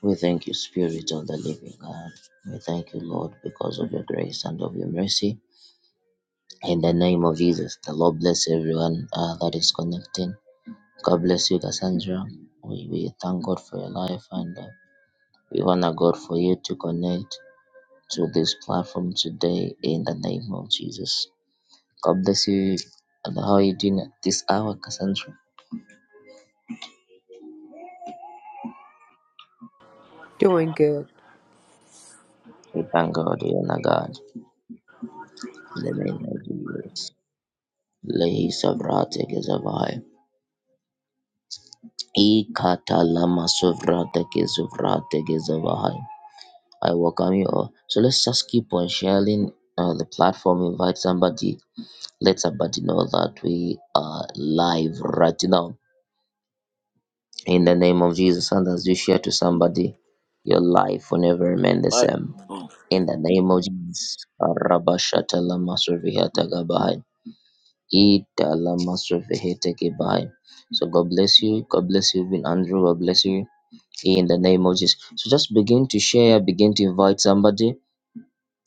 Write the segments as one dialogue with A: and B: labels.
A: We thank you, Spirit of the living God. We thank you, Lord, because of your grace and of your mercy. In the name of Jesus, the Lord bless everyone uh, that is connecting. God bless you, Cassandra. We, we thank God for your life and uh, we honor God for you to connect to this platform today in the name of Jesus. God bless you. And how are you doing at this hour, Cassandra?
B: Doing good.
A: We thank God, we honor God in the name of Jesus. Lehi Savrate Gezavaya. Ikatalama sovrate ke sovrate I welcome you all. So let's just keep on sharing uh, the platform. Invite somebody. Let somebody know that we are live right now. In the name of Jesus, and as you share to somebody, your life will never remain the
C: But
A: same.
C: uh,
A: In the name of Jesus, Rabashatalama Survihata Gabai. Italama Survihata Gabai. So God bless you. God bless you, Vin Andrew. God bless you. in the name of Jesus. So just begin to share, begin to invite somebody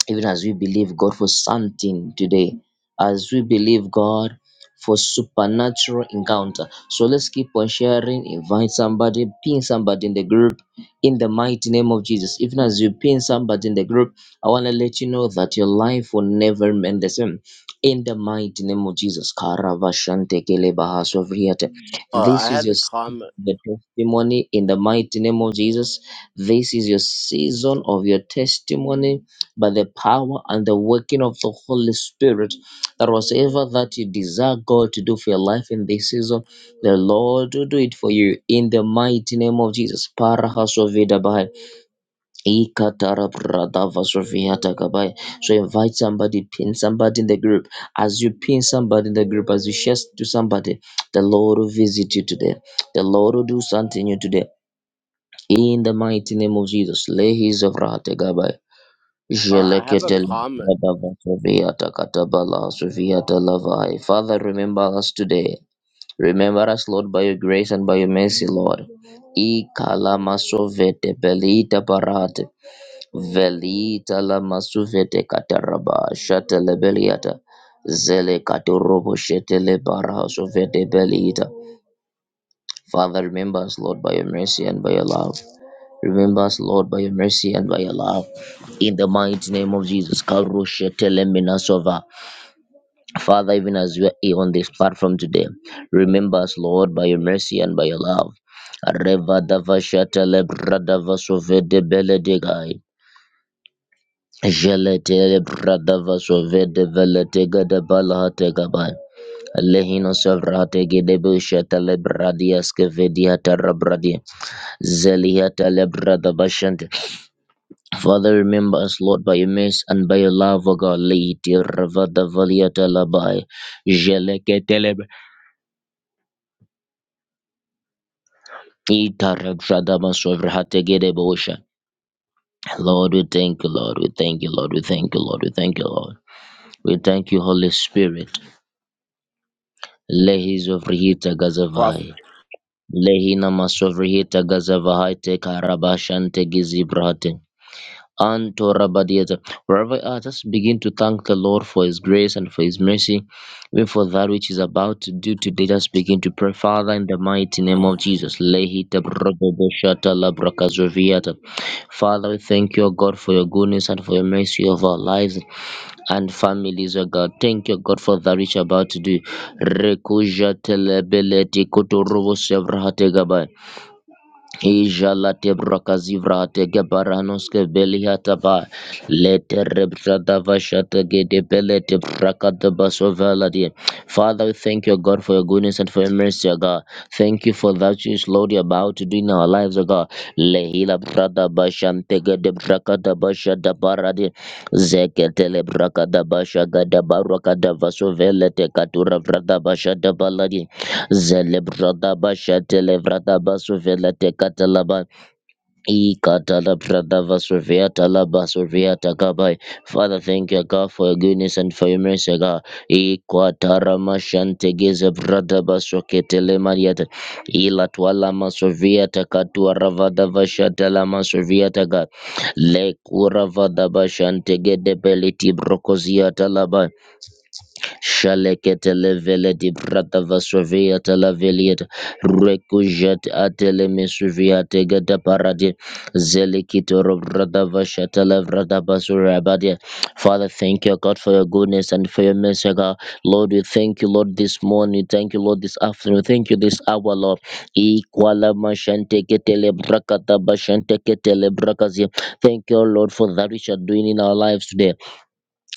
A: even as we believe God for something today, as we believe God for supernatural encounter. So let's keep on sharing, invite somebody, pin somebody in the group in the mighty name of Jesus. Even as you pin somebody in the group, I want to let you know that your life will never remain the same. In the mighty name of Jesus. Karavashantekelebahasovriyate.
C: I
A: This is
C: had
A: your
C: a
A: season,
C: comment.
A: the testimony in the mighty name of Jesus. This is your season of your testimony by the power and the working of the Holy Spirit that whatever that you desire God to do for your life in this season, the Lord will do it for you in the mighty name of Jesus. Parahasovidabai, ikatarabradavasoviatakabai. So invite somebody, pin somebody in the group. As you pin somebody in the group, as you share to somebody, the Lord will visit you today. The Lord will do something new today. In the mighty name of Jesus. Lehizavratagabai.
C: Uh, I have a
A: Jeleketele
C: comment,
A: Kadaba Soviata Katabala Soviata Lavai. Father, remember us today. Remember us, Lord, by your grace and by your mercy, Lord. I kalamasovete belita parate velita lamasuvete kataraba shatele beliata zele katorobo shetele baraha sovete belita. Father, remember us, Lord, by your mercy and by your love. Remember us, Lord, by your mercy and by your love. In the mighty name of Jesus. Karusha telemenasova. Father, even as we are here on this platform today, remember us, Lord, by your mercy and by your love. Reva davasha telebradavasove de beledegai. Jele telebradavasove de veletega de balahategabai. Lehino sevrate gedebusha telebradiaske vedia tarabradia. Zelia telebradavashante. Father, remember us, Lord, by your mercy and by your love, O God. Lady Ravada Valiata Labai, Jeleke Telebe, Itarabshadama Sovrahategede Bosha. Lord, we thank you, Lord, we thank you, Lord, we thank you, Lord, we thank you, Lord. We thank you, Holy Spirit. Lehi Zovrihita
C: Prof.
A: Gazavai. Lehina Masovrihita Gazavahai Tekarabashante Gizibrate. Antorabadiata. Wherever you are, just begin to thank the Lord for His grace and for His mercy, even for that which is about to do today. Just begin to pray, Father, in the mighty name
C: uh,
A: of Jesus. Lehita brogoboshata labrakazoviata. Father, we thank you, O God, for your goodness and for your mercy of our lives and families, O God. Thank you, O God, for that which you're about to do. Rekujatelebeleti kuturubu sevrahategabai. Ijala tebra kazivra tege baranoske belihatava lete rebzada vashata gede belete brakada basovaladi. Father, we thank you, God, for your goodness and for your mercy, O God. Thank you for that which, Lord, you're about to do in our lives, O God. Lehila brada bashante gede brakada bashada baradi zeketele brakada bashagada barakada vasovelete katura brada bashada baladi. Zelebrada basha televrada basuvela tekatalaba e katalabrada vasuvia talaba suvia takabai. Father, thank you, God, for your goodness and for your mercy, God. E kwatarama shantegeze brada basoketele mariata. E latwala masuvia takatua ravada vasha talama suvia taka. Le kuravada bashantegede beliti brokozia talaba. Shalekete levele di brata vasoviata la veliet. Recujet atele mesuviate gada paradi. Zelikito brata vashata la brata Father, thank you, God, for your goodness and for your mercy, God. Lord, we thank you, Lord, this morning. Thank you, Lord, this afternoon. Thank you, this hour, Lord. Equala mashante ketele brakata bashante ketele brakazi. Thank you, Lord, for that which you are doing in our lives today.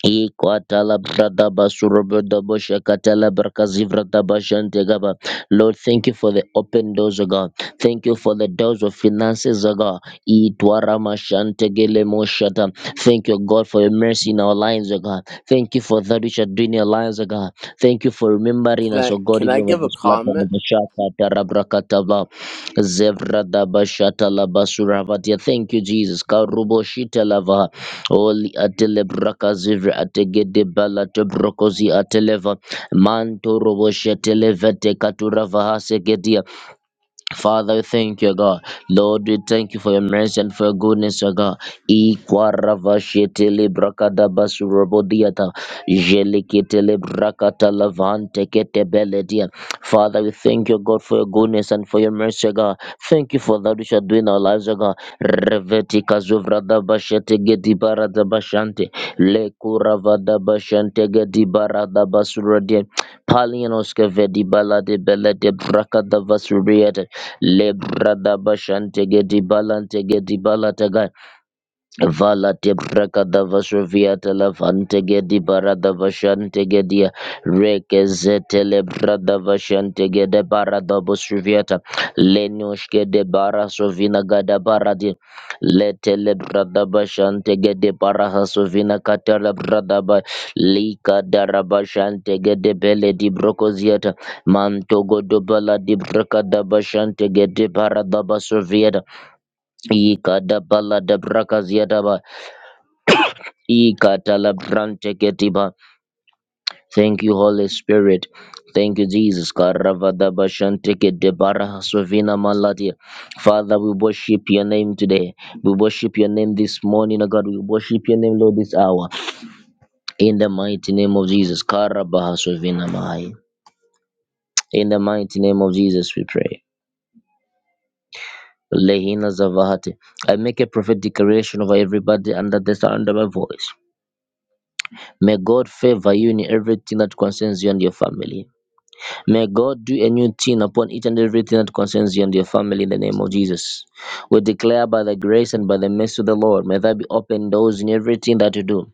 A: Ikwatala brada basurubada boshakatala brakazivrada bashantegaba. Lord, thank you for the open doors, O God. Thank you for the doors of finances, O God. Itwara mashantegele moshata. Thank you, God, for your mercy in our lives, O God. Thank you for that which are doing in our lives, O God. Thank you for remembering
C: Can
A: us,
C: I
A: O God,
C: can
A: even
C: I give
A: over
C: a
A: this platform
C: comment?
A: of the Shaka Tarabrakataba. Zevrada Bashatala Basuravati. Thank you, Jesus. Karubo Shitalava. Oli atele brakazive ategede balate brokozi ateleva manto roboshe televete katura vahase Father, we thank you, God. Lord, we thank you for your mercy and for your goodness, O God. Ikwaravashetele brakadabasurobodiata. Jeleketele brakatalavante ketebeledia. Father, we thank you, God, for your goodness and for your mercy, O God. Thank you for that which you are doing in our lives, O God. Reveti kazuvradabashete gedibaradabashante. Lekuravadabashante gedibaradabasurodia. Palianoskevedibaladebelede brakadavasuriate. Lebra da bashante gedi balante gedi balataga. Vala debrakada vasoviata lavante gedi barada vashante gedia rekezete lebrada vashante gede barada bosuviata lenoshke de bara sovina gada baradi lete lebrada vashante gede baraha sovina katala brada ba lika darabashante gede bele di brokoziata manto godobala di brakada vashante gede barada basoviata ikada bala debrakazia Ikatalabranteketiba. Thank you, Holy Spirit. Thank you, Jesus. Karavadabashantekedebaraha sovina maladia. Father, we worship your name today. We worship your name this morning, O God. We worship your name, Lord, this hour. In the mighty name of Jesus. Karabaha sovina mahai. In the mighty name of Jesus, we pray. Lehina Zavahati. I make a prophetic declaration over everybody under the sound of my voice. May God favor you in everything that concerns you and your family. May God do a new thing upon each and everything that concerns you and your family in the name of Jesus. We declare by the grace and by the mercy of the Lord, may there be open doors in everything that you do.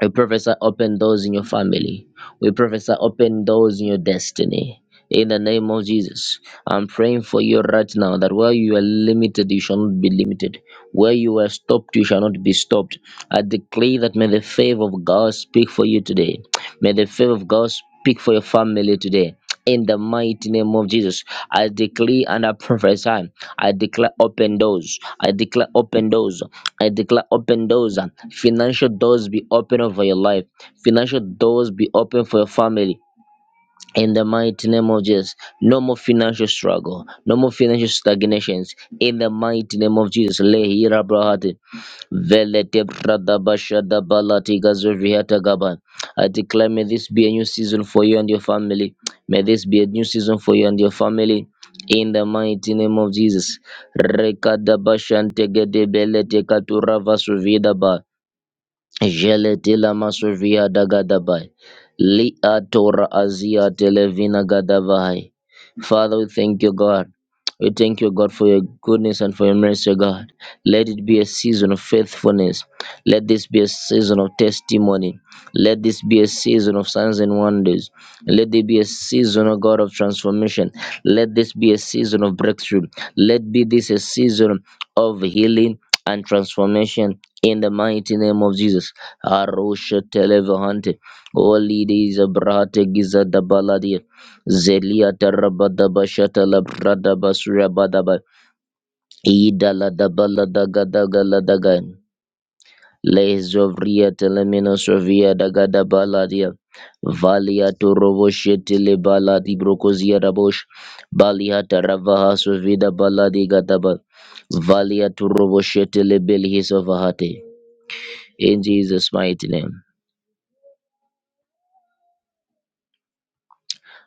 A: We prophesy open doors in your family. We prophesy open doors in your destiny. In the name of Jesus, I'm praying for you right now that where you are limited, you shall not be limited. Where you are stopped, you shall not be stopped. I declare that may the favor of God speak for you today. May the favor of God speak for your family today. In the mighty name of Jesus, I decree and I prophesy. I declare open doors. I declare open doors. I declare open doors. Financial doors be open over your life. Financial doors be open for your family in the mighty name of Jesus. No more financial struggle, no more financial stagnations. In the mighty name of Jesus. Lehira brahati. Velete pradabasha dabalati gazuriata gaban. I declare, may this be a new season for you and your family. May this be a new season for you and your family. In the mighty name of Jesus. rekada Rekadabashante gede belete katurava suvidaba. Jele tela masovia dagadabai. Li atora azia televina gadavai. Father, we thank you, God. We thank you, God, for your goodness and for your mercy, O God. Let it be a season of faithfulness. Let this be a season of testimony. Let this be a season of signs and wonders. Let there be a season, O God, of transformation. Let this be a season of breakthrough. Let be this a season of healing and transformation in the mighty name of Jesus. Arusha Televahante, Holy Days Abrahate Giza Dabaladia, Zelia Tarabada Bashata Labrada Basura Badaba, Ida La Dabala Daga Daga Lezovria telemenosovia dagada baladia. Valia torovoshete le baladi brokozia rabosh. Balia taravaha sovida baladi gadaba. Valia torovoshete le belhisovahate. In Jesus' mighty name.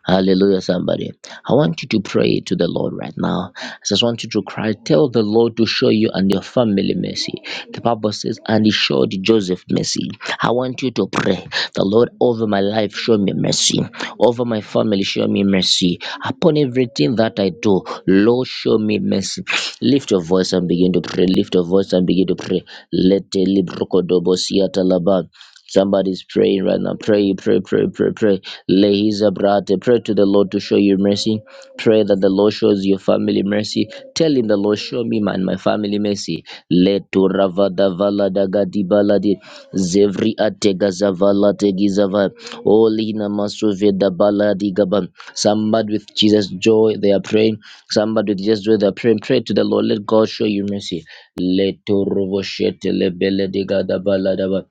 A: Hallelujah, somebody. I want you to pray to the Lord right now. I just want you to cry, tell the Lord to show you and your family mercy. The Bible says, and he showed Joseph mercy. I want you to pray, the Lord over my life, show me mercy. Over my family, show me mercy. Upon everything that I do, Lord, show me mercy. Lift your voice and begin to pray. Lift your voice and begin to pray. Let the libro kodobo siya talaba. Somebody's praying right now. Pray, pray, pray, pray, pray. Lehiza brate. Pray to the Lord to show you mercy. Pray that the Lord shows your family mercy. Tell him the Lord show me man my family mercy. Leto ravada valada dagadi baladi. Zevri atega zavala tegizava. Olina masuveda baladi gaban. Somebody with Jesus joy, they are praying. Somebody with Jesus joy, they are praying. Pray to the Lord. Let God show you mercy. Leto rovoshete lebele digada balada ba.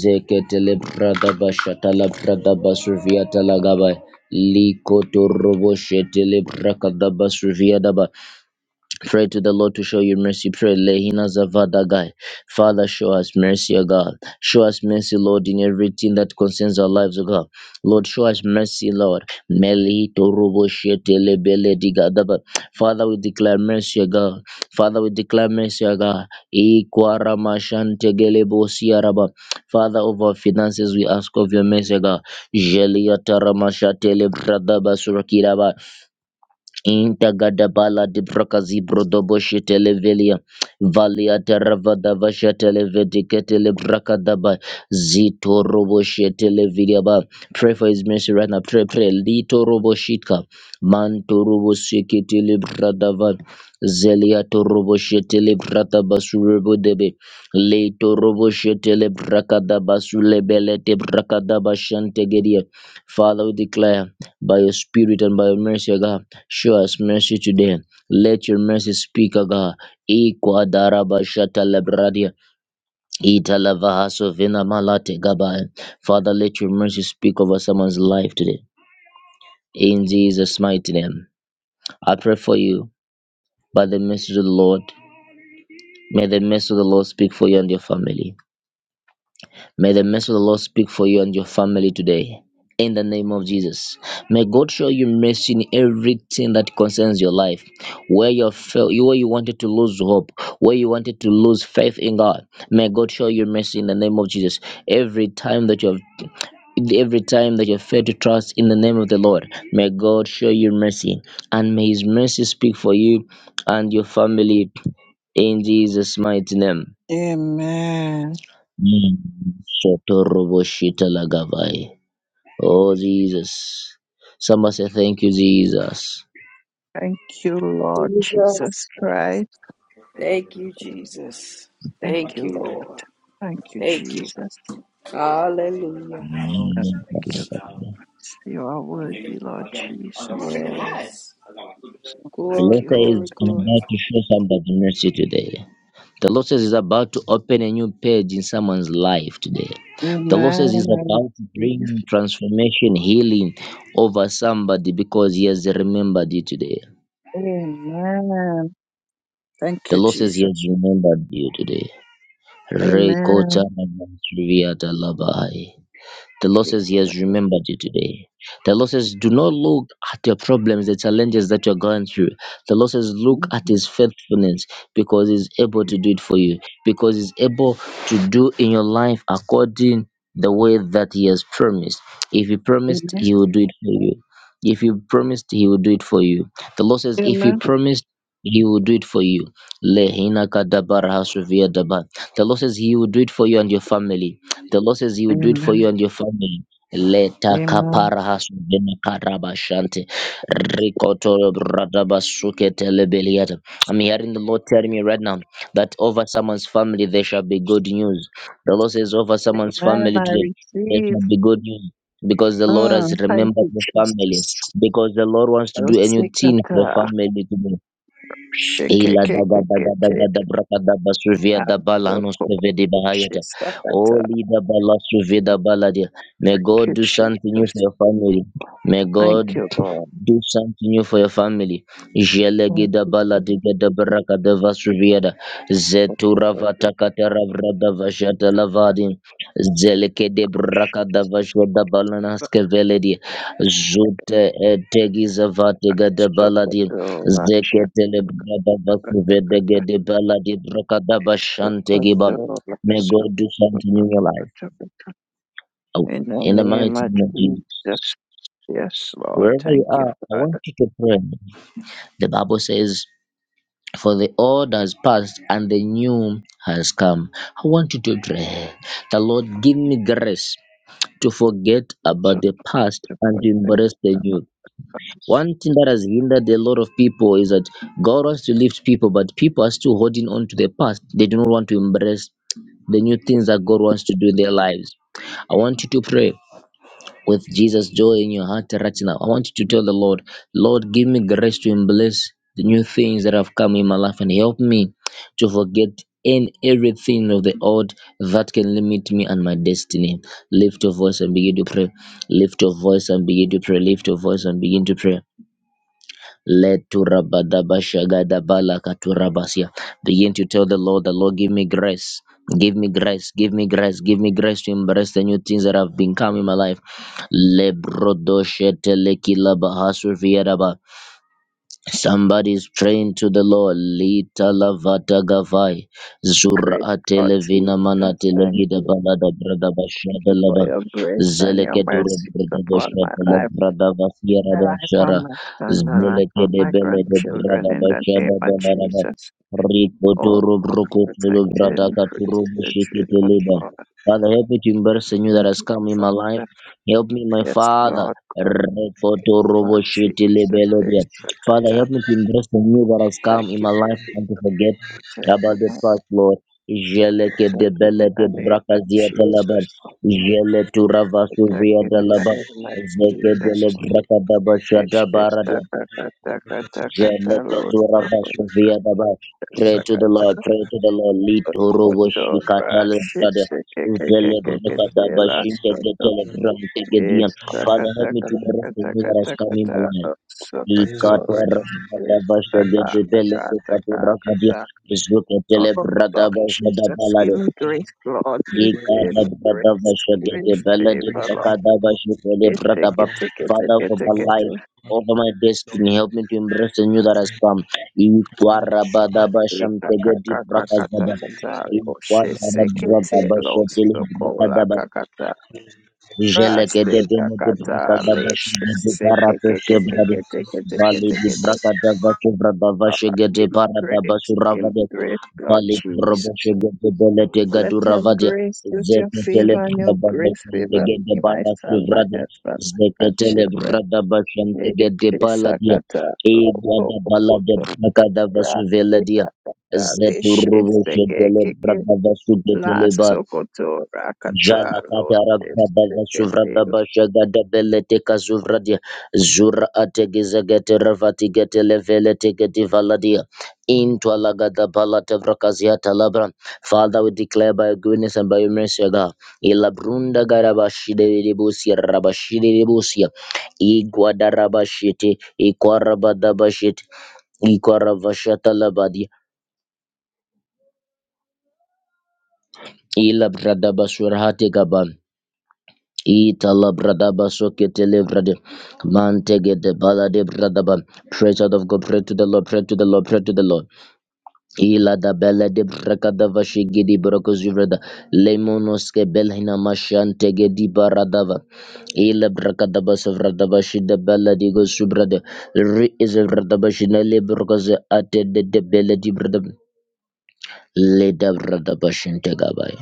A: Zeketele brada bashatala brada basuvia talagaba. Liko torobo shetele brakada basuvia daba. Pray to the Lord to show you mercy. Pray, Lehina Zavadagai. Father, show us mercy, O God. Show us mercy, Lord, in everything that concerns our lives, O God. Lord, show us mercy, Lord. Melito rubo shete lebele digadaba. Father, we declare mercy, O God. Father, we declare mercy, O God. Ikwara mashante gelebo siaraba. Father, of our finances, we ask of your mercy, O God. Jelia taramashate lebradaba surakiraba. Intagadabala di brakazi brodoboshe televelia. Valia teravada vasha televedicatele brakadaba. Zito roboshe televidia ba. Pray for his mercy right now. Pray, pray. Lito roboshika. Manto roboshiki telebradava. Zelia to roboshe telebrataba surebo debe. Lito roboshe telebrakadaba sulebelete brakadaba shantegedia. Father, we declare by your spirit and by your mercy, O God, show us mercy today. Let your mercy speak, O God. Ikwa daraba shata lebradia. Ita lavahaso vina malate gabaya. Father, let your mercy speak over someone's life today. In Jesus' mighty name, I pray for you by the mercy of the Lord. May the mercy of the Lord speak for you and your family. May the mercy of the Lord speak for you and your family today. In the name of Jesus. May God show you mercy in everything that concerns your life. Where you felt where you wanted to lose hope, where you wanted to lose faith in God. May God show you mercy in the name of Jesus. Every time that you have every time that you fail to trust in the name of the Lord, may God show you mercy and may his mercy speak for you and your family in Jesus' mighty name.
D: Amen.
A: Shatoroboshitelagavai. Oh, Jesus. Someone say, Thank you, Jesus.
D: Thank you, Lord
E: Jesus.
D: Jesus Christ.
B: Thank you, Jesus.
D: Thank
B: Thank
D: you,
B: you,
D: Lord.
B: Lord.
D: Thank you,
B: Thank you.
D: Jesus.
B: Hallelujah.
D: Thank
A: Mm.
D: you,
A: The
D: Lord. You are worthy,
B: Yes.
D: Lord Jesus. So thank
B: Glory,
A: Lord
D: you for
B: glory,
A: says,
D: it.
A: I'm
B: glory.
A: about to show somebody mercy today. The Lord says, He's about to open a new page in someone's life today. The Lord says,
D: Amen.
A: He's
D: I
A: about to
D: receive.
A: bring transformation, healing over somebody because He has remembered you today.
D: Amen. Thank
A: The
D: you,
A: Lord says, He
D: Jesus.
A: has remembered you today. Rekota
D: Amen.
A: Rabasriviata Labai. The Lord
D: Jesus.
A: says He has remembered you today. The Lord says, Do not look at your problems, the challenges that you're going through. The Lord says, Look at
D: Amen.
A: His faithfulness because He's able to do it for you, because He's able to do in your life according the way that He has promised. If He promised,
D: Amen.
A: He will do it for you. If He promised, He will do it for you. The Lord says, If He
D: Amen.
A: promised, he will do it for you. Lehina kadabara hasuvia daba. The Lord says He will do it for you and your family. The Lord says He will do it for
D: Amen.
A: you and your family. Leta
D: Amen.
A: kapara hasubena karaba shante rikoto bradaba sukete lebeliata. I'm hearing the Lord telling me right now that over someone's family there shall be good news. The Lord says over someone's
D: Amen.
A: family
D: I
A: today there
D: receive.
A: shall be good news because the Lord has
D: Mm. Thank
A: remembered
D: you,
A: the family
D: Jesus.
A: because the Lord wants to do a new thing for the
D: Rosicata.
A: family today. Ila daga daga daga da da
D: Shikikikikiti.
A: da da braka da basuvia da bala no seve bahayata.
D: Shikakata.
A: Oli da bala suve da bala dia. May
D: Thank
A: God
D: you,
A: do something new for
D: Jesus.
A: your family. May
D: Thank
A: God
D: you, Lord.
A: do something new for your family.
D: Thank
A: Jelegida
D: you.
A: baladigada barakada vasuviyada. Zetura
D: Jesus.
A: vatakata vrada vajata lavadin. Zeleke de Zelekede brakada vashada balanaske veledi. Zute etegiza vatigada baladin.
D: Sokotola,
A: Zeketele brada
D: shakatakata.
A: vasuvedegede baladi brakada vashantegiba.
D: Sokotola,
A: May God do something new in your life.
D: sokotokatakata.
A: Oh,
D: In the
A: In the
D: name
A: mighty
D: of
A: name of Jesus.
D: Jesus, yes, Lord,
A: Wherever you
D: thank you,
A: are, I want
D: Father.
A: you to pray. The Bible says For the old has passed and the new has come. I want you to pray. The Lord give me grace to forget about the past and to
D: Sokotola,
A: embrace the new. One thing that has hindered a lot of people is that God wants to lift people, but people are still holding on to the past. They do not want to embrace the new things that God wants to do in their lives. I want you to pray with Jesus joy in your heart right now. I want you to tell the Lord, Lord, give me grace to embrace the new things that have come in my life and help me to forget in everything of the old that can limit me and my destiny. Lift your voice and begin to pray. Lift your voice and begin to pray. Lift your voice and begin to pray. Leturabadabashagadabalakaturabasia. Begin to tell the Lord, the Lord, give me grace. Give me grace, give me grace, give me grace to embrace the new things that have been coming in my life. Lebrodoshetelekilabahasufiyadaba. Somebody's praying to the Lord. Lita lavata gavai. Zura
D: Great God,
A: atelevina mana
D: Jesus, thank
A: telegida
D: you.
A: balada brada
D: Thank
A: bashada
D: you for
A: lava.
D: your grace and your
A: Zeleketura
D: mercies
A: brada
D: upon my
A: bashada la
D: life.
A: brada vasiera
D: The life of
A: bashara.
D: my son, the life of
A: Zeleke de
D: my
A: bele de
D: grandchildren,
A: brada
D: in the
A: bashada
D: name of
A: banaraba.
D: Jesus.
A: Rico
D: Oh,
A: turu
D: Lord,
A: bruco tulu
D: protect
A: brada
D: him through the
A: katuru
D: surgery,
A: bushiki
D: Lord
A: tuliba.
D: God.
A: Father, help me to embrace the new that
D: my
A: has come in my life.
D: Father,
A: Help me, my
D: yes,
A: Father.
D: Lord God,
A: Rico
D: yes,
A: turu
D: Lord
A: bushiti
D: Jesus,
A: libele
D: there's second
A: Father,
D: time.
A: help me to embrace the new that has
D: I
A: come in
D: give
A: my
D: you
A: life and to
D: Jesus, and
A: forget
D: protect
A: about
D: him,
A: the
D: Lord.
A: past, Lord. Jeleke de
D: protect him in
A: bele de
D: the name of
A: brakazia de laba.
D: Jesus,
A: Jele tu ravasu
D: protect
A: via
D: him
A: de
D: in the
A: laba.
D: name of
A: Zeke de le
D: Jesus.
A: braka da basha
D: It's
A: da
D: just, uh,
A: baradia.
D: uh, uh, uh, uh, uh, uh,
A: Jeleke
D: Lord,
A: tu
D: so, uh,
A: ravasu via da ba.
D: just,
A: Pray
D: uh,
A: to the
D: uh,
A: Lord, pray to the Lord. Lead to rovo
D: Kotora
A: shikata le bradia. Zele braka da bashin te
D: Shitsikikikikikitilastoto
A: getele bram te gediam. Father, help me to embrace the new that has come in my
D: Istakatakatakatakatakata
A: life.
D: Sokotori
A: Ikator Radabasha Gedibele Katurahmadia,
D: Istakatakatakata
A: Zuka
D: Oh Lord
A: Telebradabash
D: Jesus, give
A: Dabalade,
D: me grace, Lord, give
A: Nikada
D: them grace,
A: Bradabasha
D: give him
A: Gedibele
D: favor, Lord.
A: Jakadabashu
D: Take take
A: Telebradaba,
D: take take it, it,
A: Father,
D: it,
A: of my
D: take it,
A: life, over my destiny, help me to embrace the new that has come.
D: Eh, kaka
A: Ikarabadabashamtegedi
D: kaka kata
A: brakazaba.
D: kata. Oh, Itikitikitikiti Ikakakakakatakata Oshitsikiti
A: Ikarabadabashakelebrakadaba.
D: Lostokola
A: Jeleke de bene de braka da bashi
D: Rasekakatalish.
A: de de barato sebrade. Vale de
D: Sekekekekekekekekekekeke.
A: braka da basu brada vashe
D: Father,
A: gede
D: give me
A: para da
D: grace.
A: basu
D: Give
A: ravade.
D: me grace, Lord
A: Vale de robo
D: Jesus.
A: shege de bele te
D: Let
A: gadu
D: your
A: ravade.
D: grace, let your
A: Zeke tele
D: favor and your
A: brada
D: grace
A: bashan te
D: favor
A: gede
D: me, my
A: bara
D: son, my
A: sevrade.
D: husband, my
A: Zeke tele
D: grandchildren.
A: brada bashan te gede bala dia.
D: Eshesakata
A: E gada bala de
D: lokokokotora.
A: braka da vasu vele dia. Zetu
D: Sekakatalish.
A: robo shege
D: Sekekeke.
A: brada vasu de tele
D: Lasokotora katalo.
A: Jalakata rababa vasuvra
D: Sekekete.
A: baba shaga da belete kazuvra dia zura ategiza gete ravati gete levele tegeti valadia into alagada balata vrakazia talabra father we declare by your goodness and by your mercy O God ilabrunda garabashide ribusia rabashide ribusia igwada rabashite ikwarabada bashite ikwaravashata labadia ilabrada basurahate gaban Itala bradaba sokete levrade mantege de balade bradaba. Praise out of God, pray to the Lord, pray to the Lord, pray to the Lord. Ila da bela de brakada vashigi di brokos yuvrada lemonoske belhina mashante di baradava. Ila brakadaba savradaba shida bela di go subrade re is a vradaba shinele brokos ate de de bela di bradaba. Leda bradaba shintegabaya.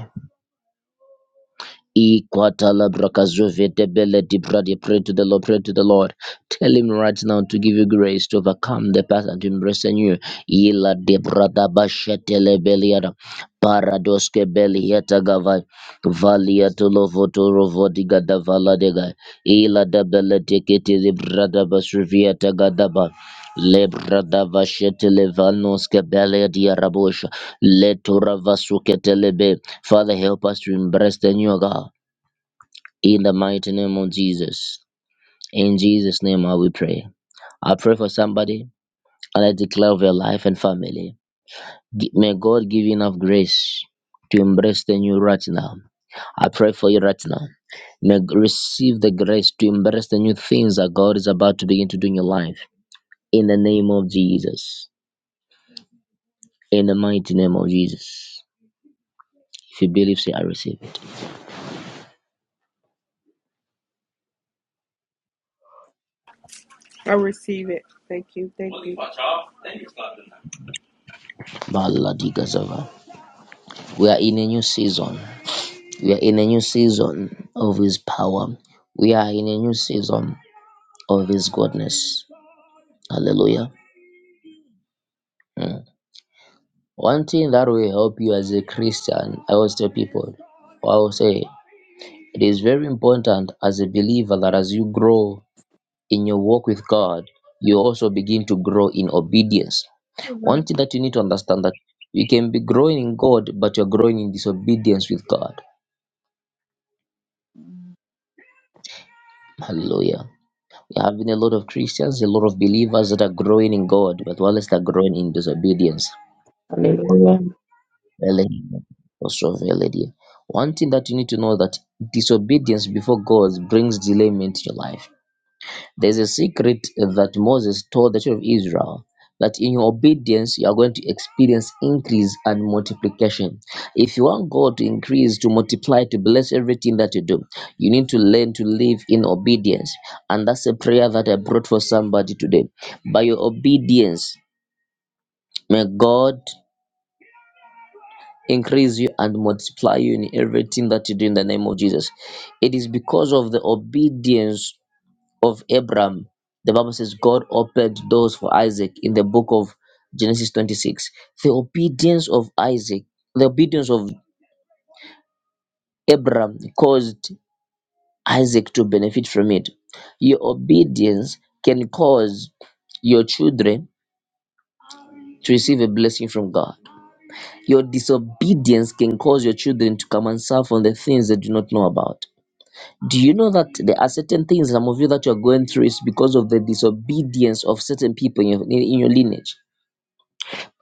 A: Ikwatalabrakazuvedebeledibra. Pray to the Lord, pray to the Lord. Tell him right now to give you grace to overcome the past and to embrace the new. Ila debradabashetelebeliada. Paradoske belieta gavai. Valiato lovoto rovodiga da valadega. Ila dabeletekete libradabasuvieta gadaba. Lebradavashetelevanoske belediarabosha. Letoravasuketelebe. Father, help us to embrace the new God in the mighty name of Jesus. In Jesus' name, I will pray. I pray for somebody and I declare of your life and family. Gi- May God give you enough grace to embrace the new right now. I pray for you right now. May g- receive the grace to embrace the new things that God is about to begin to do in your life. In the name of Jesus. In the mighty name of Jesus. If you believe, say, I receive it.
B: I receive it. Thank you. Thank you.
A: Maladiga Zava. We are in a new season. We are in a new season of His power. We are in a new season of His goodness. Hallelujah. Mm. One thing that will help you as a Christian, I will tell people, I will say, it is very important as a believer that as you grow in your walk with God, you also begin to grow in obedience. One thing that you need to understand that you can be growing in God, but you're growing in disobedience with God. Hallelujah. We're having a lot of Christians, a lot of believers that are growing in God, but whilst they're growing in disobedience.
E: Hallelujah.
A: Really, also really dear. One thing that you need to know that disobedience before God brings delayment to your life. There is a secret that Moses told the children of Israel that in your obedience you are going to experience increase and multiplication. If you want God to increase, to multiply, to bless everything that you do, you need to learn to live in obedience. And that's a prayer that I brought for somebody today. By your obedience, may God increase you and multiply you in everything that you do in the name of Jesus. It is because of the obedience of Abraham, the Bible says God opened doors for Isaac in the book of Genesis 26. The obedience of Isaac, the obedience of Abraham caused Isaac to benefit from it. Your obedience can cause your children to receive a blessing from God. Your disobedience can cause your children to come and suffer on the things they do not know about. Do you know that there are certain things some of you that you're going through is because of the disobedience of certain people in your, in your lineage?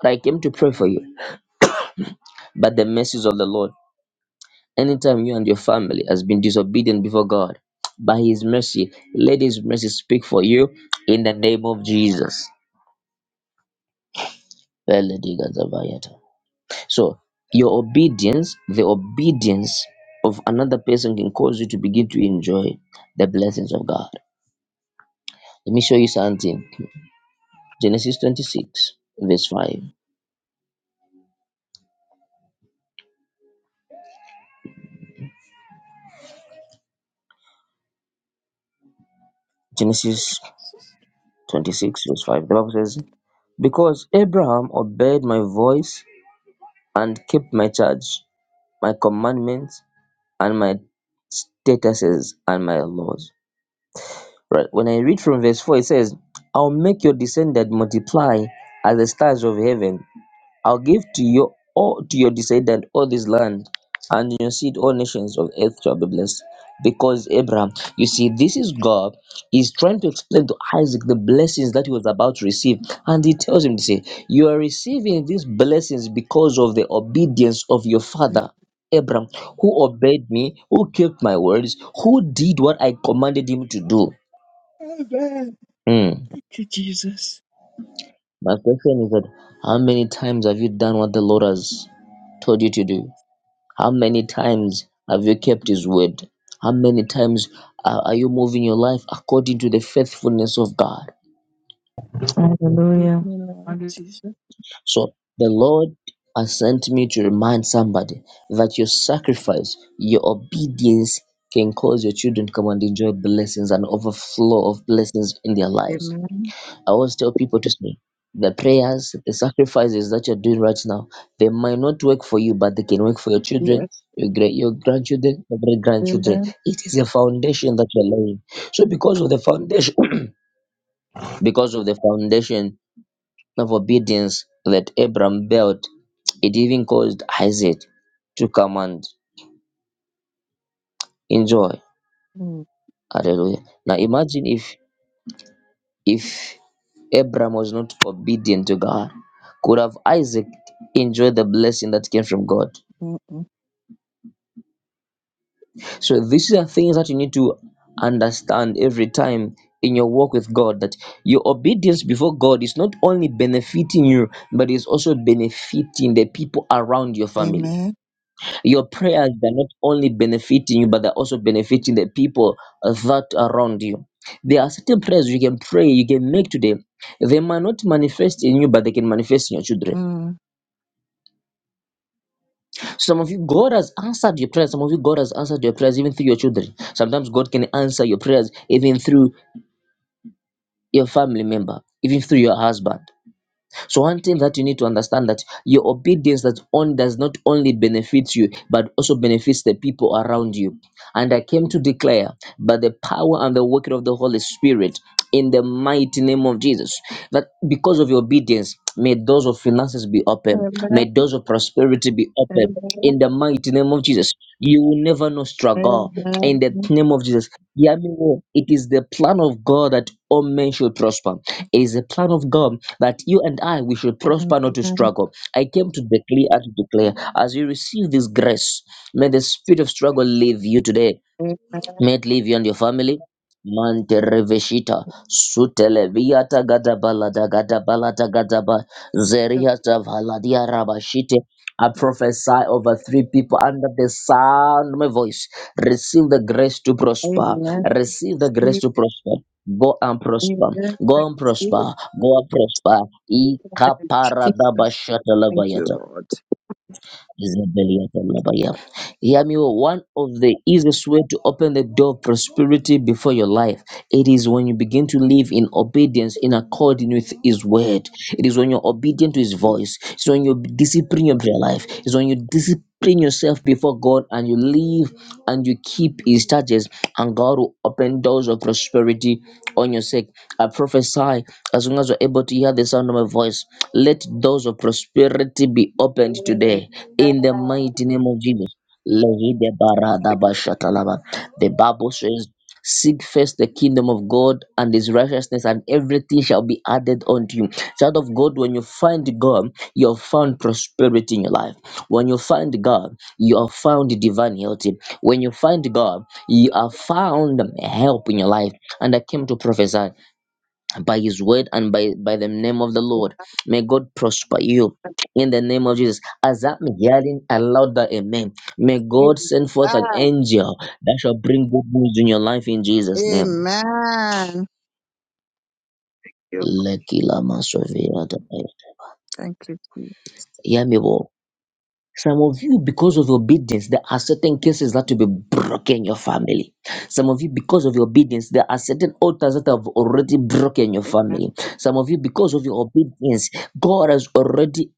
A: But I came to pray for you. But the mercies of the Lord, anytime you and your family has been disobedient before God, by His mercy, let His mercy speak for you in the name of Jesus. Beledigazabayata. So your obedience, the obedience of another person can cause you to begin to enjoy the blessings of God. Let me show you something. Genesis 26, verse 5. Genesis 26, verse 5. The Bible says, Because Abraham obeyed my voice and keep my charge, my commandments, and my statuses and my laws. Right. When I read from verse 4, it says, I'll make your descendant multiply as the stars of heaven I'll give to your all to your descendant all this land, and in your seed all nations of earth shall be blessed. Because Abraham, you see, this is God. He's trying to explain to Isaac the blessings that he was about to receive. And he tells him to say, You are receiving these blessings because of the obedience of your father. Abraham, who obeyed me, who kept my words, who did what I commanded him to do.
D: Amen.
A: Hmm.
D: Thank you, Jesus.
A: My question is that how many times have you done what the Lord has told you to do? How many times have you kept His word? How many times are are you moving your life according to the faithfulness of God?
D: Forgive
E: Hallelujah.
D: me, Lord Jesus.
A: So the Lord has sent me to remind somebody that your sacrifice, your obedience can cause your children to come and enjoy blessings and overflow of blessings in their lives.
D: Amen.
A: I always tell people to say the prayers, the sacrifices that you're doing right now, they might not work for you, but they can work for your children,
D: Yes.
A: your great your grandchildren, your great grandchildren.
D: Amen.
A: It is a foundation that you're laying. So because of the foundation because of the foundation of obedience that Abraham built, it even caused Isaac to come and enjoy.
D: Mm,
A: Hallelujah. Now imagine if If Abraham was not obedient to God, could have Isaac enjoyed the blessing that came from God?
D: mm, mm.
A: So these are things that you need to understand every time in your walk with God that your obedience before God is not only benefiting you, but is also benefiting the people around your family.
D: Amen.
A: Your prayers they're not only benefiting you, but they're also benefiting the people uh, that are around you. There are certain prayers you can pray, you can make today. They might not manifest in you, but they can manifest in your children.
D: Mm.
A: Some of you, God has answered your prayers. Some of you, God has answered your prayers even through your children. Sometimes God can answer your prayers even through your family member, even through your husband. So one thing that you need to understand that your obedience that on does not only benefit you but also benefits the people around you. And I came to declare by the power and the working of the Holy Spirit in the mighty name of Jesus that because of your obedience may doors of finances be open,
D: Amen.
A: may doors of prosperity be open in
D: Amen.
A: the mighty name of Jesus. You will never know struggle in
D: Amen.
A: the name of Jesus. Hear me well. It is the plan of God that all men should prosper. It is the plan of God that you and I we should
D: Amen.
A: prosper, not to struggle. I came to declare and to declare as you receive this grace, may the spirit of struggle leave you today. May it live you and your family. Mante reveshita sutele viata gada balada gada balada gada ba zeriata valadia rabashite. I prophesy over three people under the sound of my voice. Receive the grace to
D: Amen.
A: prosper.
D: Amen.
A: Receive the grace
D: Receive.
A: to prosper. Go and prosper.
D: Amen.
A: Go and
D: Receive.
A: prosper. Go and prosper.
E: See
D: Thank you,
A: Ikaparadabashata
D: Lord.
A: Isabella Talabaya. Hear me. well. One of the easiest way to open the door of prosperity before your life, it is when you begin to live in obedience, in according with His word. It is when you're obedient to His voice. It's when you discipline your prayer life. It's when you discipline bring yourself before God and you live and you keep His charges, and God will open doors of prosperity on your sake. I prophesy as long as you're able to hear the sound of my voice, let doors of prosperity be opened
D: Amen.
A: today in the
D: Amen.
A: mighty name of Jesus. Lehide barada
D: Thank you.
A: bashatalaba. The Bible says, Seek first the kingdom of God and his righteousness, and everything shall be added unto you. Child of God, when you find God, you have found prosperity in your life. When you find God, you have found divine health. When you find God, you have found help in your life. And I came to prophesy by his word and by, by the name of the Lord. May God prosper you
D: Thank
A: in the name of Jesus. As I'm hearing aloud that amen, may
D: you,
A: God
D: Jesus.
A: send forth an angel that shall bring good news in your life in Jesus' name. Lekila masoviata.
D: Amen.
A: Hear me well. Some of you, because of obedience, there are certain cases that will be broken in your family. Some of you, because of your obedience, there are certain altars that have already broken in your family. Some of you, because of your obedience, God has already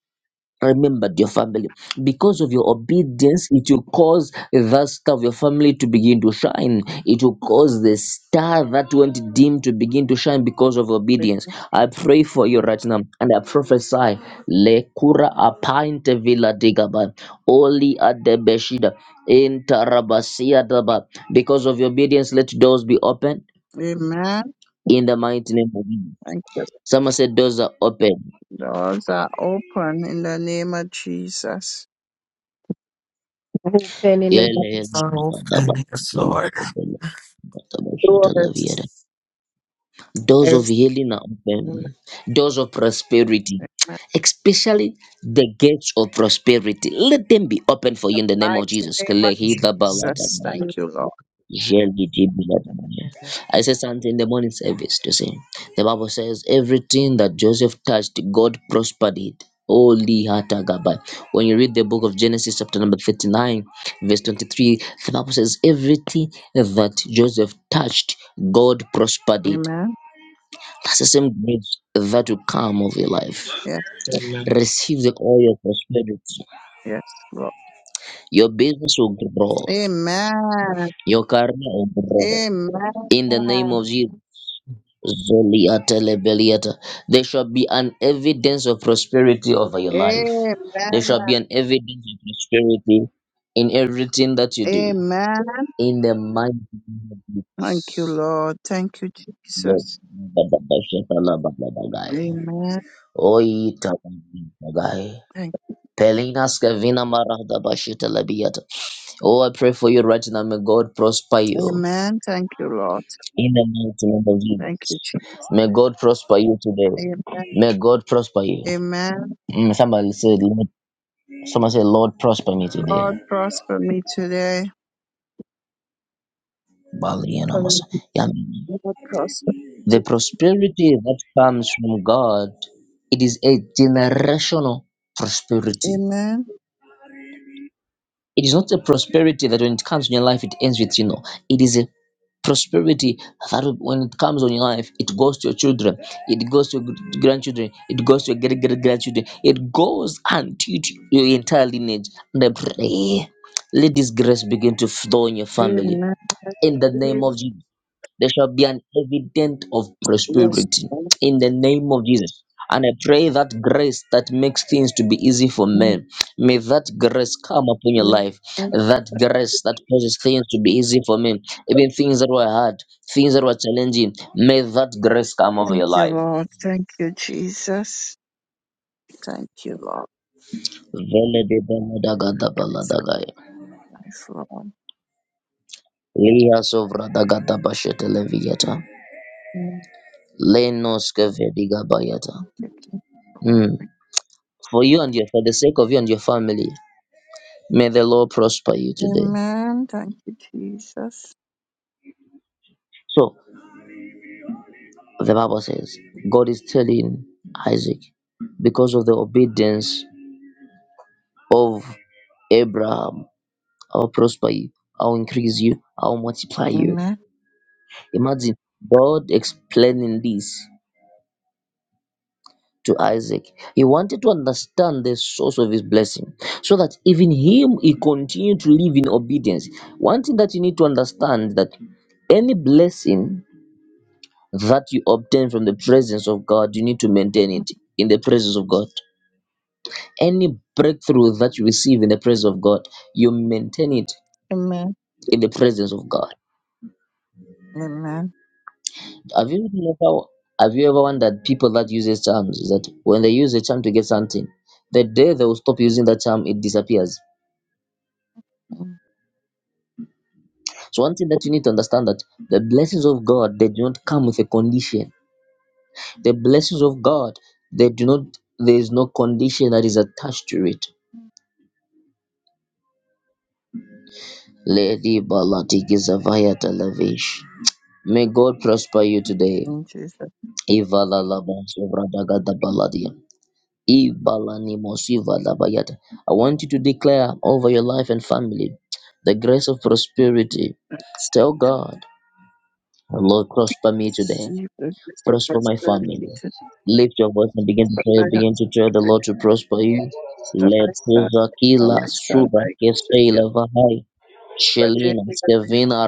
A: remembered your family because of your obedience it will cause the star of your family to begin to shine it will cause the star that went dim to begin to shine because of obedience i pray for you right now and i prophesy lekura apinte villa digaba oli adebeshida intarabasia daba because of your obedience let doors be opened
D: Amen.
A: in the mighty name of jesus
D: Thank
A: someone said doors are open
D: Doors are open in the name of Jesus.
E: the open in the back
A: Doors
F: So, yes, Lord.
E: door. I
A: of
E: receive
A: healing are
D: Amen.
A: open. Doors of prosperity,
D: Amen.
A: especially the gates of prosperity, let them be open for
D: The
A: you in the name of
D: mighty
A: Jesus.
D: name of Jesus. Thank you, Lord.
A: Really did be that morning. I said something in the morning service to say the Bible says everything that Joseph touched, God prospered it. Holy Hatagabai. When you read the book of Genesis, chapter number 39, verse 23, the Bible says everything that Joseph touched, God prospered it.
D: Amen.
A: That's the same grace that will come of your life.
D: Yes, Lord.
G: Amen.
A: Receive the oil of prosperity.
D: yes, Lord.
A: Your business will grow.
D: Amen.
A: Your career will grow.
D: Amen.
A: In the name of Jesus. Zoliata lebeliata. There shall be an evidence of prosperity over your life.
D: Amen.
A: There shall be an evidence of prosperity in everything that you do.
D: Amen.
A: In the mighty name of Jesus.
D: Thank you, Lord. Thank you,
A: Lord.
D: Jesus.
A: Bababashakalababagai.
D: Amen.
A: Oitababagagai.
D: Thank,
A: Pelina skavina marada bashita labiata. Oh, I pray for you right now. May God prosper you.
D: amen. Thank you, Lord.
A: In the mighty name of
D: Thank you,
A: Jesus.
D: Jesus.
A: May God prosper you today.
D: Amen.
A: May God prosper you.
D: Amen.
A: Mm, somebody said, Lord, someone said, Lord, prosper me today.
D: Lord, prosper me today.
A: Bali and
E: from
A: Amos. Yeah, I mean,
D: Lord, prosper. me
A: the prosperity that comes from God, it is a generational
D: today.
A: prosperity.
D: Amen.
A: It is not a prosperity that when it comes in your life, it ends with you know. It is a prosperity that when it comes on your life, it goes to your children, it goes to your gr- grandchildren, it goes to your great great grandchildren, it goes until to your entire lineage. And I pray, let this grace begin to flow in your family
D: Amen.
A: in the name of Jesus. There shall be an evident of
D: Yes.
A: prosperity in the name of Jesus. And I pray that grace that makes things to be easy for
D: Amen.
A: men, may that grace come upon your
D: Amen.
A: life. That grace that causes things to be easy for men, even things that were hard, things that were challenging, may that grace come over
D: Thank
A: your
D: you,
A: life.
D: Lord. Thank you, Jesus. Thank you, Lord.
A: Vele de bala daga da bala daga ya.
D: Thanks, Lord.
A: Lia sovra daga da bashe televiata.
D: Thank
A: Lenos kevediga bayata.
D: you, King of
A: Mm.
D: Glory.
A: for you and your for the sake of you and your family. May the Lord prosper you today.
D: Amen. Thank you, Jesus.
A: So the Bible says God is telling Isaac, because of the obedience of Abraham, I'll prosper you, I'll increase you, I'll multiply you.
D: Amen.
A: Imagine God explaining this to Isaac. He wanted to understand the source of his blessing so that even him he continued to live in obedience. One thing that you need to understand that any blessing that you obtain from the presence of God, you need to maintain it in the presence of God. Any breakthrough that you receive in the presence of God, you maintain it
D: Amen.
A: in the presence of God.
D: Amen.
A: Have you ever have you ever wondered people that uses charms is that when they use a charm to get something, the day they will stop using that charm, it disappears. So one thing that you need to understand that the blessings of God they do not come with a condition. The blessings of God they do not there is no condition that is attached to it Lady Balatiki Zavaya Televish. May God prosper you today.
D: In Jesus'
A: Ivala Labansovradaga Baladia. Ibalani Mosiva Labayata. I want you to declare over your life and family the grace of prosperity.
D: name.
A: Tell God, Lord, prosper me today.
D: Receive the gift of
A: prosper my family.
D: prosperity to the
A: Lift your voice and begin to pray.
D: I have
A: Begin
D: to
A: to tell the Lord to prosper you.
D: stop my son,
A: Lepuza
D: my son,
A: kila
D: my son,
A: sura
D: my son, my
A: keseila vahai.
D: son, my son,
A: Shelina skevina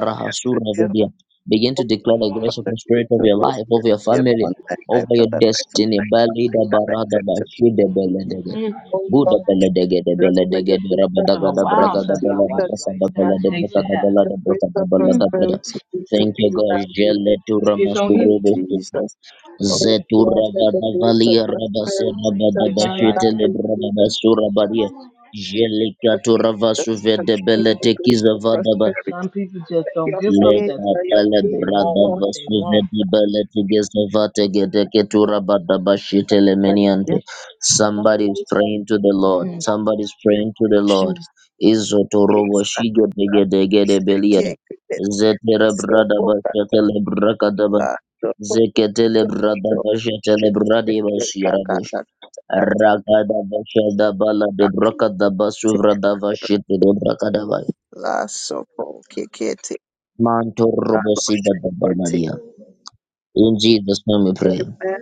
D: my
A: rahasura
D: son, my
A: vedia.
D: son,
A: Begin to declare the grace of
D: Father,
A: the
D: give
A: Spirit
D: it
A: of
D: to
A: your
D: us.
A: life, of your
D: We have
A: family,
D: one night, I
A: over
D: have
A: your
D: another night, some
A: destiny.
D: night, one night,
A: Balida
D: that night,
A: barada
D: that church.
A: bashide beledege.
H: Mm,
D: Oh
A: Buddha
D: Lord,
A: beledege de
D: just may
A: beledege
D: your
A: de
D: grace
H: It's
D: and
H: been a
A: rabadaga
H: while
A: Braga da
H: since
D: prosperity
H: I
A: Bala da
H: watched
D: that
A: braga
D: is
A: da
D: now
H: Lifetime.
A: balada
H: They
A: braka
H: should
A: da
H: have.
D: the
A: balada braka
D: grace
A: da balada da
D: and
H: Mm,
A: balada
D: prosperity be to
A: Thank
D: be
A: you, God.
D: now
A: Jele tu
H: It's
A: ramas
H: on
D: in
H: here.
A: burubu
D: Jesus. Oh
A: Zetura
D: Lord, let the grace of
A: Vadavalia
D: prosperity
A: Rabasera
H: They
D: touch
H: got
D: me now
A: Badabashete
H: Lifetime.
D: in Jesus.
A: Lebrabasura Baria
D: But
A: Jelikatura
D: just
A: Vasuve
D: touch
A: de
D: me the grace
A: Beletekiza
D: of
A: Vadaba
D: prosperity
H: Some people just
D: that
H: don't
D: your
H: give up
D: faith,
H: that
A: Leka
D: that
H: fast
D: your
H: when they
D: faith, and
H: want
D: your
A: Pelebrada
H: what they
A: Vasuve
H: want.
A: de Beletekiza Vategedeketura Badabashete
D: faith, that your
A: Lemeniante. Somebody is
D: faith,
A: praying to the Lord.
H: Mhm.
A: Somebody is praying to the Lord.
D: Jesus.
A: Izotorobo
D: Yes, I
A: Shige Begedegede Beliada.
D: thank you.
A: Zetera Brada Bashete Zekatele brada bashetele bradi bashira bush. Rakada bashada bala de brakada basuvra da vashite de brakada bala.
D: La sopo kikete
A: Manto robosi da da In Jesus' name we pray.
D: Amen.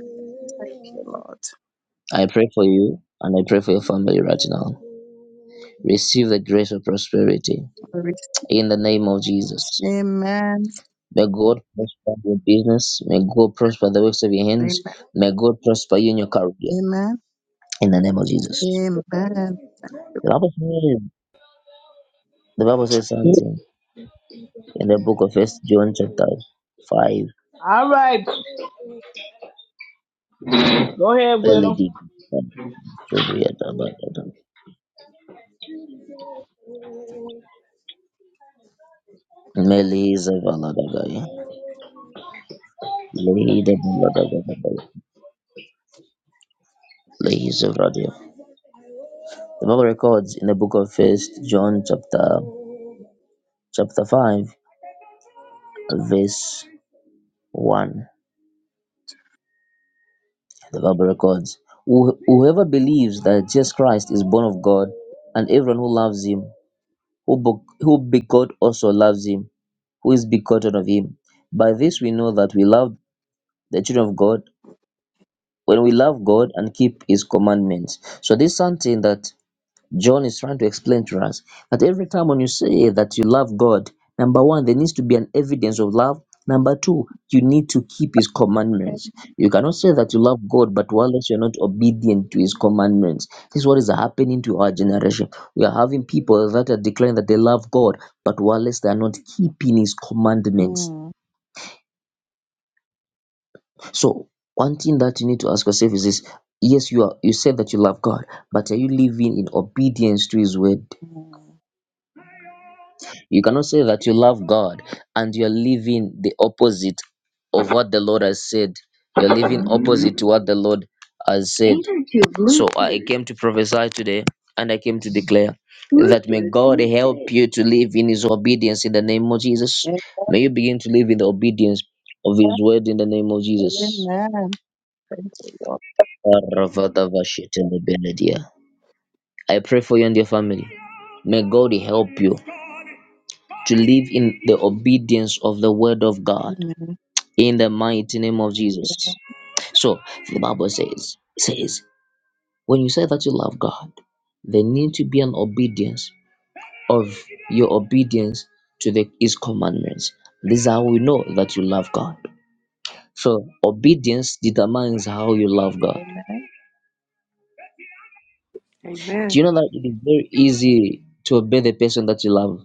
D: Thank you, Lord.
A: I pray for you and I pray for your family right now. Receive the grace of prosperity
D: Amen.
A: in the name of Jesus. May God prosper your business. May God prosper the works of your hands.
D: Amen.
A: May God prosper you in your career.
D: Amen.
A: In the name of Jesus.
D: Amen.
A: The Bible says, the Bible says something. In the book of First John chapter five,
H: All right, go ahead, Will.
A: Melody The Valadagai. Lehi is a radio. The Bible records in the book of First John chapter chapter five, verse one. The Bible records "Who- whoever believes that Jesus Christ is born of God, and everyone who loves him, who be- who begot also loves him, who is begotten of him. By this we know that we love the children of God, when we love God and keep His commandments. So this is something that John is trying to explain to us that every time when you say that you love God, number one, there needs to be an evidence of love. Number two, you need to keep His commandments. You cannot say that you love God, but whilst you're not obedient to His commandments, this is what is happening to our generation. We are having people that are declaring that they love God, but whilst they are not keeping His commandments.
D: Mm,
A: So one thing that you need to ask yourself is this: Yes, you are. You said that you love God, but are you living in obedience to His word?
D: mm.
A: You cannot say that you love God and you're living the opposite of what the Lord has said. You're living opposite to what the Lord has said. So I came to prophesy today, and I came to declare that may God help you to live in His obedience in the name of Jesus.
D: Amen.
A: May you begin to live in the obedience of His word in the name of Jesus.
D: Amen. Thank you, Lord.
A: I pray for you and your family. May God help you to live in the obedience of the word of God
D: Amen.
A: in the mighty name of Jesus. So the Bible says, says, when you say that you love God, there need to be an obedience of your obedience to the his commandments. This is how we know that you love God. So obedience determines how you love God.
D: Amen.
B: Amen.
A: Do you know that it is very easy to obey the person that you love?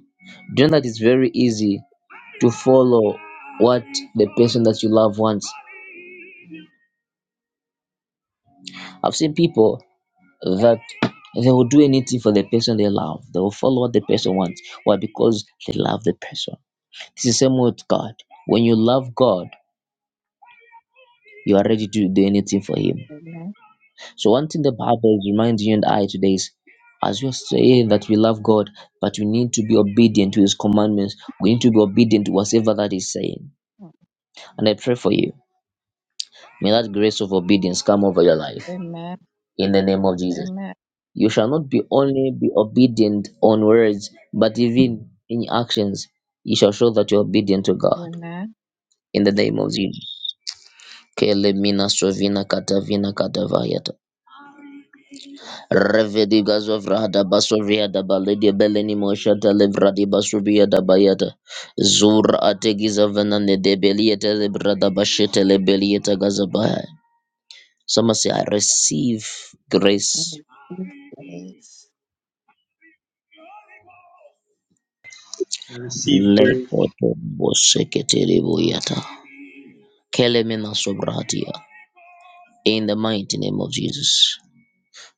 A: Do you know that it's very easy to follow what the person that you love wants? I've seen people that they will do anything for the person they love. They will follow what the person wants. Why? Because they love the person. It's the same with God. When you love God, you are ready to do anything for Him.
D: Amen.
A: So, one thing the Bible reminds you and I today is as you're saying that we love God, but we need to be obedient to His commandments. We need to be obedient to whatever that He's saying. And I pray for you. May that grace of obedience come over your life
D: Amen. Amen.
A: in the name of Jesus. You shall not be only be obedient on words, but even in actions, you shall show that you're obedient to God
D: Amen.
A: in the name of Jesus. Kelemina sovina katavina katavayata. Revedi gazovra da basovia da baledia beleni mosha televra di basuvia da bayata. Zur ategiza venane de belieta lebra da bashete lebelieta gazabaya. Someone say, I receive grace.
D: Amen.
G: I receive grace.
A: Lekoto boseketele boyata. Kelemena sobrahatia. In the mighty name of Jesus.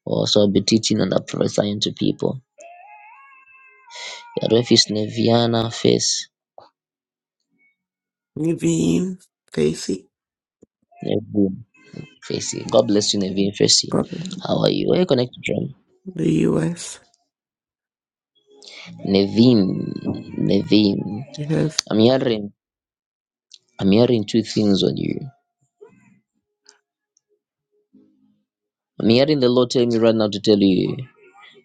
A: Also, I'll be teaching and prophesying to people. Refis neviana face.
F: You being Casey
A: Tracy. God bless you, Naveen Tracy.
F: from
A: How are you? Are you connected from?
F: the U.S.
A: Naveen. Naveen.
F: Yes.
A: I'm hearing I'm hearing two things on you. I'm hearing the Lord tell me right now to tell you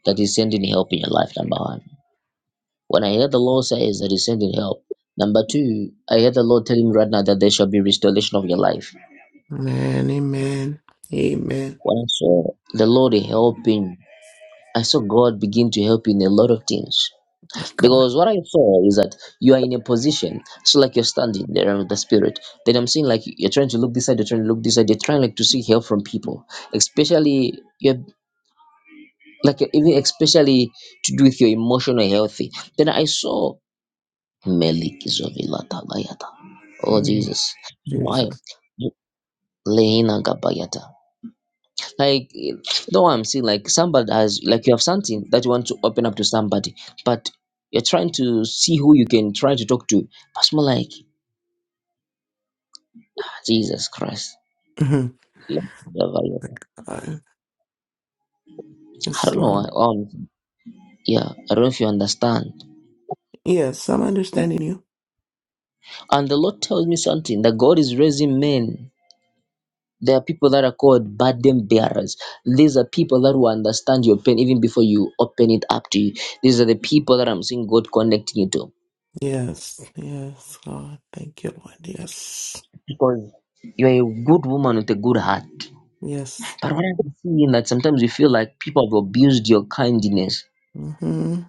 A: that He's sending help in your life, number one. When I hear the Lord says that He's sending help, number two, I hear the Lord telling me right now that there shall be restoration of your life.
F: man, Amen. Amen.
A: When I saw the Lord helping, I saw God begin to help you in a lot of things.
F: My God.
A: Because what I saw is that you are in a position, so like you're standing there with the spirit. Then I'm seeing like you're trying to look this side, you're trying to look this side, you're trying like to seek help from people, especially you're like even especially to do with your emotional health. Then I saw Melikizovila Tabayata. Oh
F: Mm,
A: Jesus. no know, I
F: Jesus.
A: Lehina Gabayata. like no i'm saying like somebody has like you have something that you want to open up to somebody but you're trying to see who you can try to talk to but it's more like jesus christ
F: Mhm.
A: i
F: My God. Yes,
A: don't know
F: Lord.
A: um yeah i don't know if you understand
F: Yes, I'm understanding you.
A: and the lord tells me something that god is raising men there are people that are called burden bearers. These are people that will understand your pain even before you open it up to you. These are the people that I'm seeing God connecting you to.
F: Yes. Yes, God. Thank you, Lord. Yes.
A: Because you're a good woman with a good heart.
F: Yes.
A: But what I'm seeing that sometimes you feel like people have abused your kindness.
F: hmm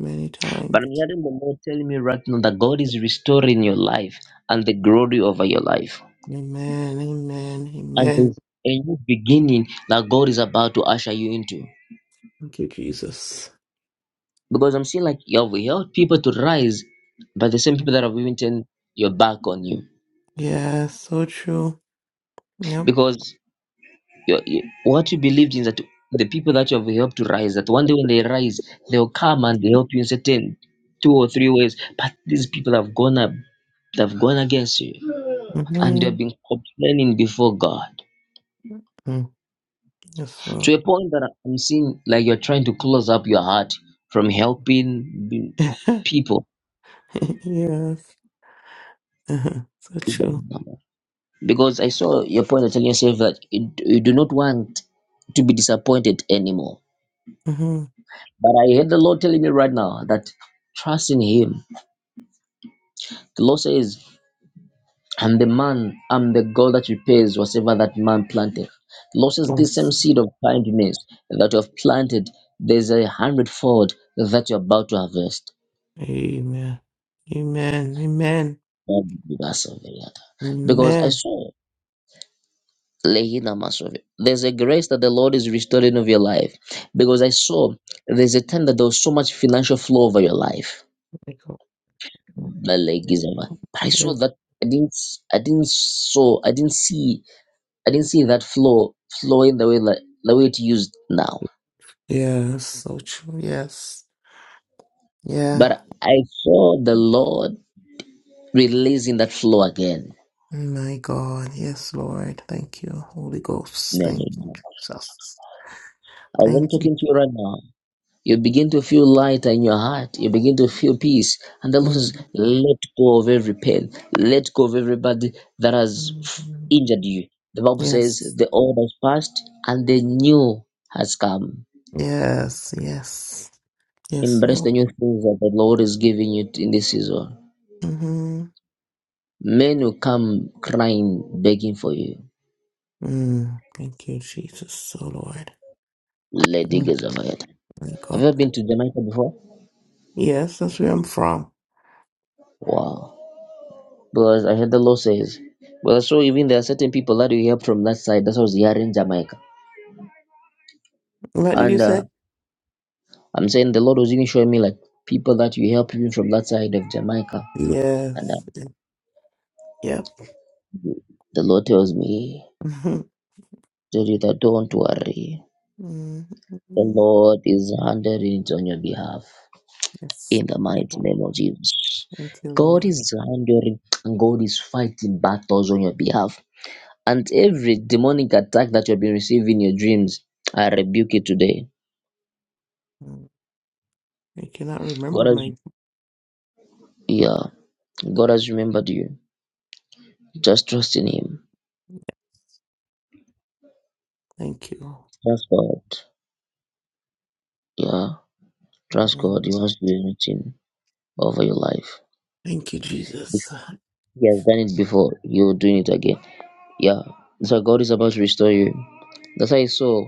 F: Many times.
A: But I'm hearing the Lord telling me right now that God is restoring your life and the glory over your life.
F: Amen. Amen.
A: And
F: Amen.
A: there's a new beginning that God is about to usher you into.
F: Thank you, Jesus.
A: Because I'm seeing like you have helped people to rise, but the same people that have even turned your back on you.
F: Yes. So true. Yep.
A: Because your, your- what you believed in that the people that you have helped to rise, that one day when they rise, they'll come and they help you in certain two or three ways. But these people have gone up, they've gone against you, and
F: hmm
A: they've been complaining before God
F: Mm, Yes, Lord.
A: to a point that I'm seeing like you're trying to close up your heart from helping be-
F: yes.
A: people.
F: Uh-huh. So true.
A: Because I saw your point of telling yourself that you you do not want to be disappointed anymore.
F: hmm
A: But I heard the Lord telling me right now that trust in Him The Lord says, and the man, I'm the God that repays whatever that man planted. The Lord says, this same
F: Yes.
A: seed of kindness that you have planted, there's a hundredfold that you're about to harvest.
F: Amen. Amen. Amen.
A: Because I
F: Amen.
A: saw Lehina Masovi. There's a grace that the Lord is restoring of your life. Because I saw there's a time that there was so much financial flow over your life.
F: My God.
A: But I
F: Yes.
A: saw that I didn't I didn't saw I didn't see I didn't see that flow flowing the way that the way it used now.
F: yes. So true. Yes. Yeah.
A: But I saw the Lord releasing that flow again.
F: My God. Yes, Lord. Thank you, Holy Ghost. Thank you,
A: Hallelujah.
F: Jesus.
A: As I'm
F: Thank you.
A: talking to you right now, you begin to feel lighter in your heart. You begin to feel peace. And the Lord says,
F: Mhm.
A: let go of every pain. Let go of everybody that has
F: Mhm.
A: injured you. The Bible says,
F: Yes.
A: the old has passed and the new has come.
F: Yes. Yes. Yes,
A: Embrace
F: Lord.
A: the new things that the Lord is giving you in this season
F: Mm-hmm.
A: Men will come crying, begging for you.
F: Mm, thank you, Jesus. Oh, Lord.
A: Lady
F: Mm,
A: Gazamayat.
F: thank
A: Have
F: God.
A: you ever been to Jamaica before?
F: Yes, that's where I'm from.
A: Wow. Because I heard the law says, well, so even there are certain people that you help from that side. That's what I was hearing Jamaica.
F: What did you
A: And uh,
F: say?
A: I'm saying the Lord was even showing me like people that you help even from that side of Jamaica. And uh,
F: Yes. Yep.
A: the Lord tells me, Judith, don't worry.
F: Mm,
A: The Lord is handling it on your behalf.
F: yes.
A: in the
F: My
A: mighty
F: God.
A: name of Jesus.
F: Thank you,
A: God
F: Lord.
A: is behind and God is fighting battles on your behalf. And every demonic attack that you've been receiving in your dreams, I rebuke it today.
F: Mm, I cannot remember
A: God has
F: my.
A: yeah, God has remembered you. Just trust in him.
F: Thank you.
A: Trust God. Yeah. Trust God.
F: Mm,
A: He wants to do anything over your life.
F: thank you,
A: If
F: Jesus.
A: he has done it before, you're doing it again. Yeah. So God is about to restore you. That's how I saw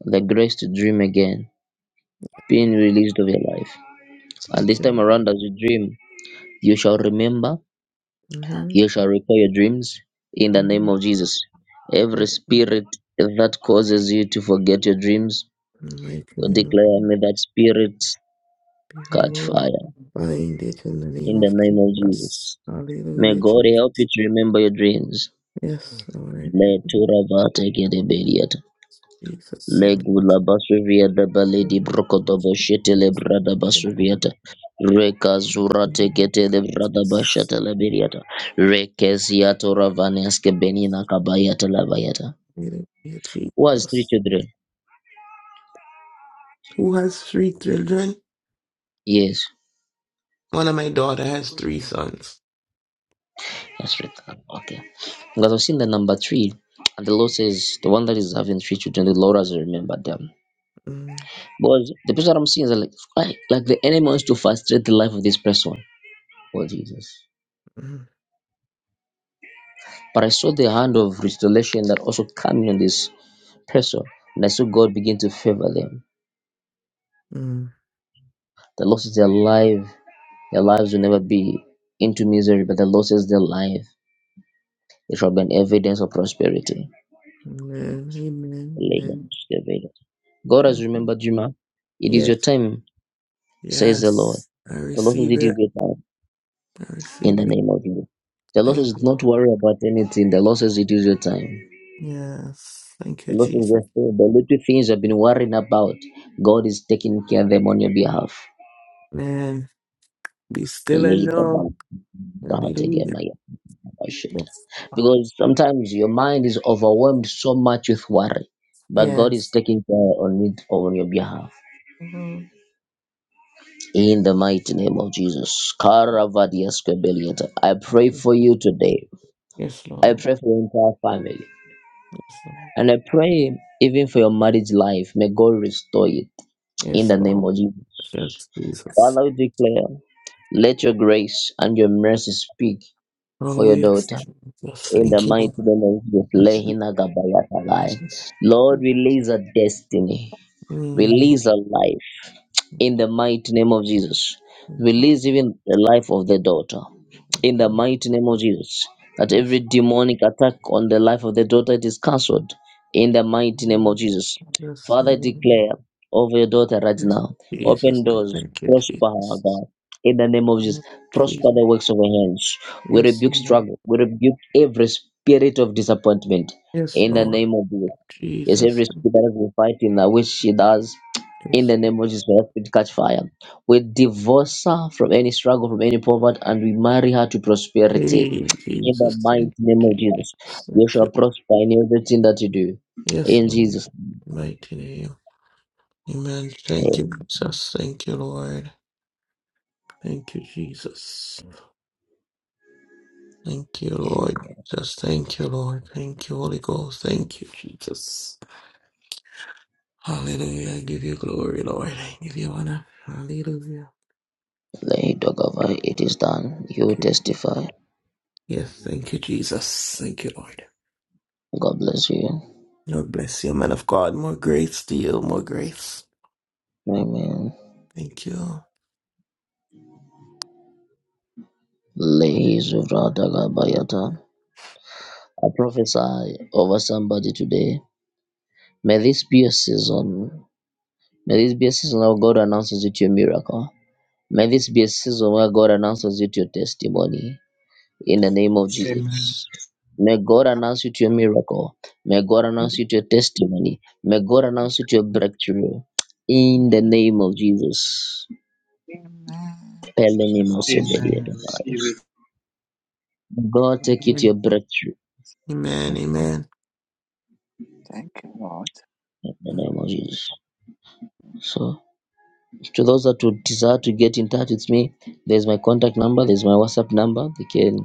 A: the grace to dream again being released of your life. And
F: Thank
A: this time
F: you.
A: around, as you dream, you shall remember,
F: Mm-hmm.
A: you shall recall your dreams in the
F: Mm-hmm.
A: name of Jesus.
F: Yes.
A: Every
F: In
A: spirit that causes you to forget your dreams,
F: the mighty
A: we
F: name of
A: declare,
F: Jesus,
A: may that spirit
F: be
A: catch
F: removed.
A: fire
F: Bind it in the name
A: in the
F: of
A: name of
F: Jesus.
A: Jesus. May
F: Hallelujah.
A: God
F: Jesus.
A: help you to remember your dreams.
F: Yes, Lord.
A: Let
F: Jesus. I
A: Legula Basuvia da Baledi Brocodobo Shetele Brada Basuviata Reka Zura Teketele Brada Bashata Labiriata Rekeziato Ravaneske Benina Kabayata la bayata.
F: Hallelujah,
A: Who has three
F: Jesus.
A: children.
F: Who has three children?
A: Yes,
F: One of my daughter has three sons.
A: that's right. Okay. Because I've seen the number three and the Lord says the one that is having three children, the Lord has remembered them.
F: Mm,
A: But the person that I'm seeing is like, like like the enemy wants to frustrate the life of this person. Oh Jesus.
F: mm,
A: But I saw the hand of restoration that also coming on this person. And I saw God begin to favor them.
F: mm.
A: The Lord says their life, their lives will never be into misery, but the Lord says their life. It shall be an evidence of prosperity.
F: Amen. Amen. Amen.
A: God has
F: Mhm.
A: remembered you, ma. It is your
F: Yes.
A: time, says the Lord.
F: Yes, I
A: The Lord says
F: receive
A: it is
F: it.
A: your time
F: I
A: in
F: receive
A: the
F: it.
A: name of Jesus. The Lord
F: Thank
A: says, do
F: you.
A: not worry about anything. The Lord says it is your time.
F: Yes, thank
A: A
F: you,
A: lot of the,
F: Jesus.
A: the little things I've been worrying about, God is taking care of them on your behalf.
F: Man, be still and
A: Relate
F: know.
A: about
F: Hallelujah.
A: Rahategemaya Abashita.
F: Yes,
A: because sometimes your mind is overwhelmed so much with worry, but God
F: yes.
A: is taking care on it on your behalf.
F: Mhm.
A: In the mighty name of Jesus, Karavadiaskabeliata, I pray for you today.
F: Yes,
A: I
F: Lord.
A: pray for your entire family,
F: Yes, Lord.
A: and I pray even for your marriage life. May God restore it in
F: Yes,
A: the name
F: Lord.
A: of Jesus.
F: Yes, Jesus.
A: Father, we declare, let your grace and your mercy speak for
F: Oh,
A: your
F: yes,
A: daughter.
F: Jesus.
A: In the
F: Thank you,
A: mighty
F: Lord.
A: name of Jesus,
F: Yes, thank
A: Lehina Gabayata
F: you,
A: Lai.
F: Jesus.
A: Lord, release her destiny,
F: Mm.
A: release her life in the mighty name of Jesus.
F: Thank you, Jesus.
A: Release even the life of the daughter
F: Yes,
A: in the
F: Lord.
A: mighty name of Jesus. That every demonic attack on the life of the daughter it is cancelled in the mighty name of Jesus.
F: yes,
A: Father, I
F: Lord.
A: declare over your daughter right
F: yes,
A: now.
F: Jesus.
A: Open doors,
F: Thank you,
A: prosper her,
F: Jesus.
A: God. In the name of Jesus, prosper
F: Jesus.
A: the works of her hands. We
F: Yes,
A: rebuke
F: Lord.
A: struggle. We rebuke every spirit of disappointment.
F: Yes,
A: In the
F: Lord.
A: name of Jesus. Yes,
F: Jesus.
A: every spirit that is fighting that which she does. In
F: Yes.
A: the name of Jesus, we ask you catch fire. We divorce her from any struggle, from any poverty, and we marry her to prosperity.
F: Hey,
A: In the
F: Jesus.
A: mighty
F: Thank
A: name of
F: you,
A: Jesus,
F: Jesus.
A: you
F: Thank
A: shall
F: you.
A: prosper in everything that you do.
F: Yes,
A: In
F: Lord.
A: Jesus'
F: Mighty name. Amen. Thank you,
A: name.
F: Jesus. Thank you, Lord. Thank you, Jesus. Thank you,
A: Amen.
F: Lord. Just thank you, Lord. Thank you, Holy Ghost. Thank you, Jesus. Hallelujah. I give you glory, Lord. I give you honor. Hallelujah.
A: Lay dog over, it is done. You
F: Thank you.
A: testify.
F: Yes, thank you, Jesus. Thank you, Lord.
A: God bless you.
F: Lord bless you, man of God. More grace to you. More grace.
A: Amen.
F: Thank you.
A: Lay Zuvra Dagabayata. I prophesy over somebody today. May this be a season. May this be a season of God announces it your miracle. May this be a season where God announces you to your testimony in the
D: Amen.
A: name of
G: Amen.
A: Jesus. May God announce you to your miracle. May God announce you to your testimony. May God announce you to your breakthrough in the name of Jesus.
D: Amen.
A: Pele
D: Thank
A: ni
D: you,
A: mo
D: Lord.
A: se beli
G: Amen.
A: edo
G: I receive it.
A: God take you to your
F: Amen.
A: breakthrough
F: Amen.
D: Thank you, Lord.
A: in the name
F: Amen.
A: of Jesus. So, to those that would desire to get in touch with me, there's my contact number, there's my WhatsApp number. They can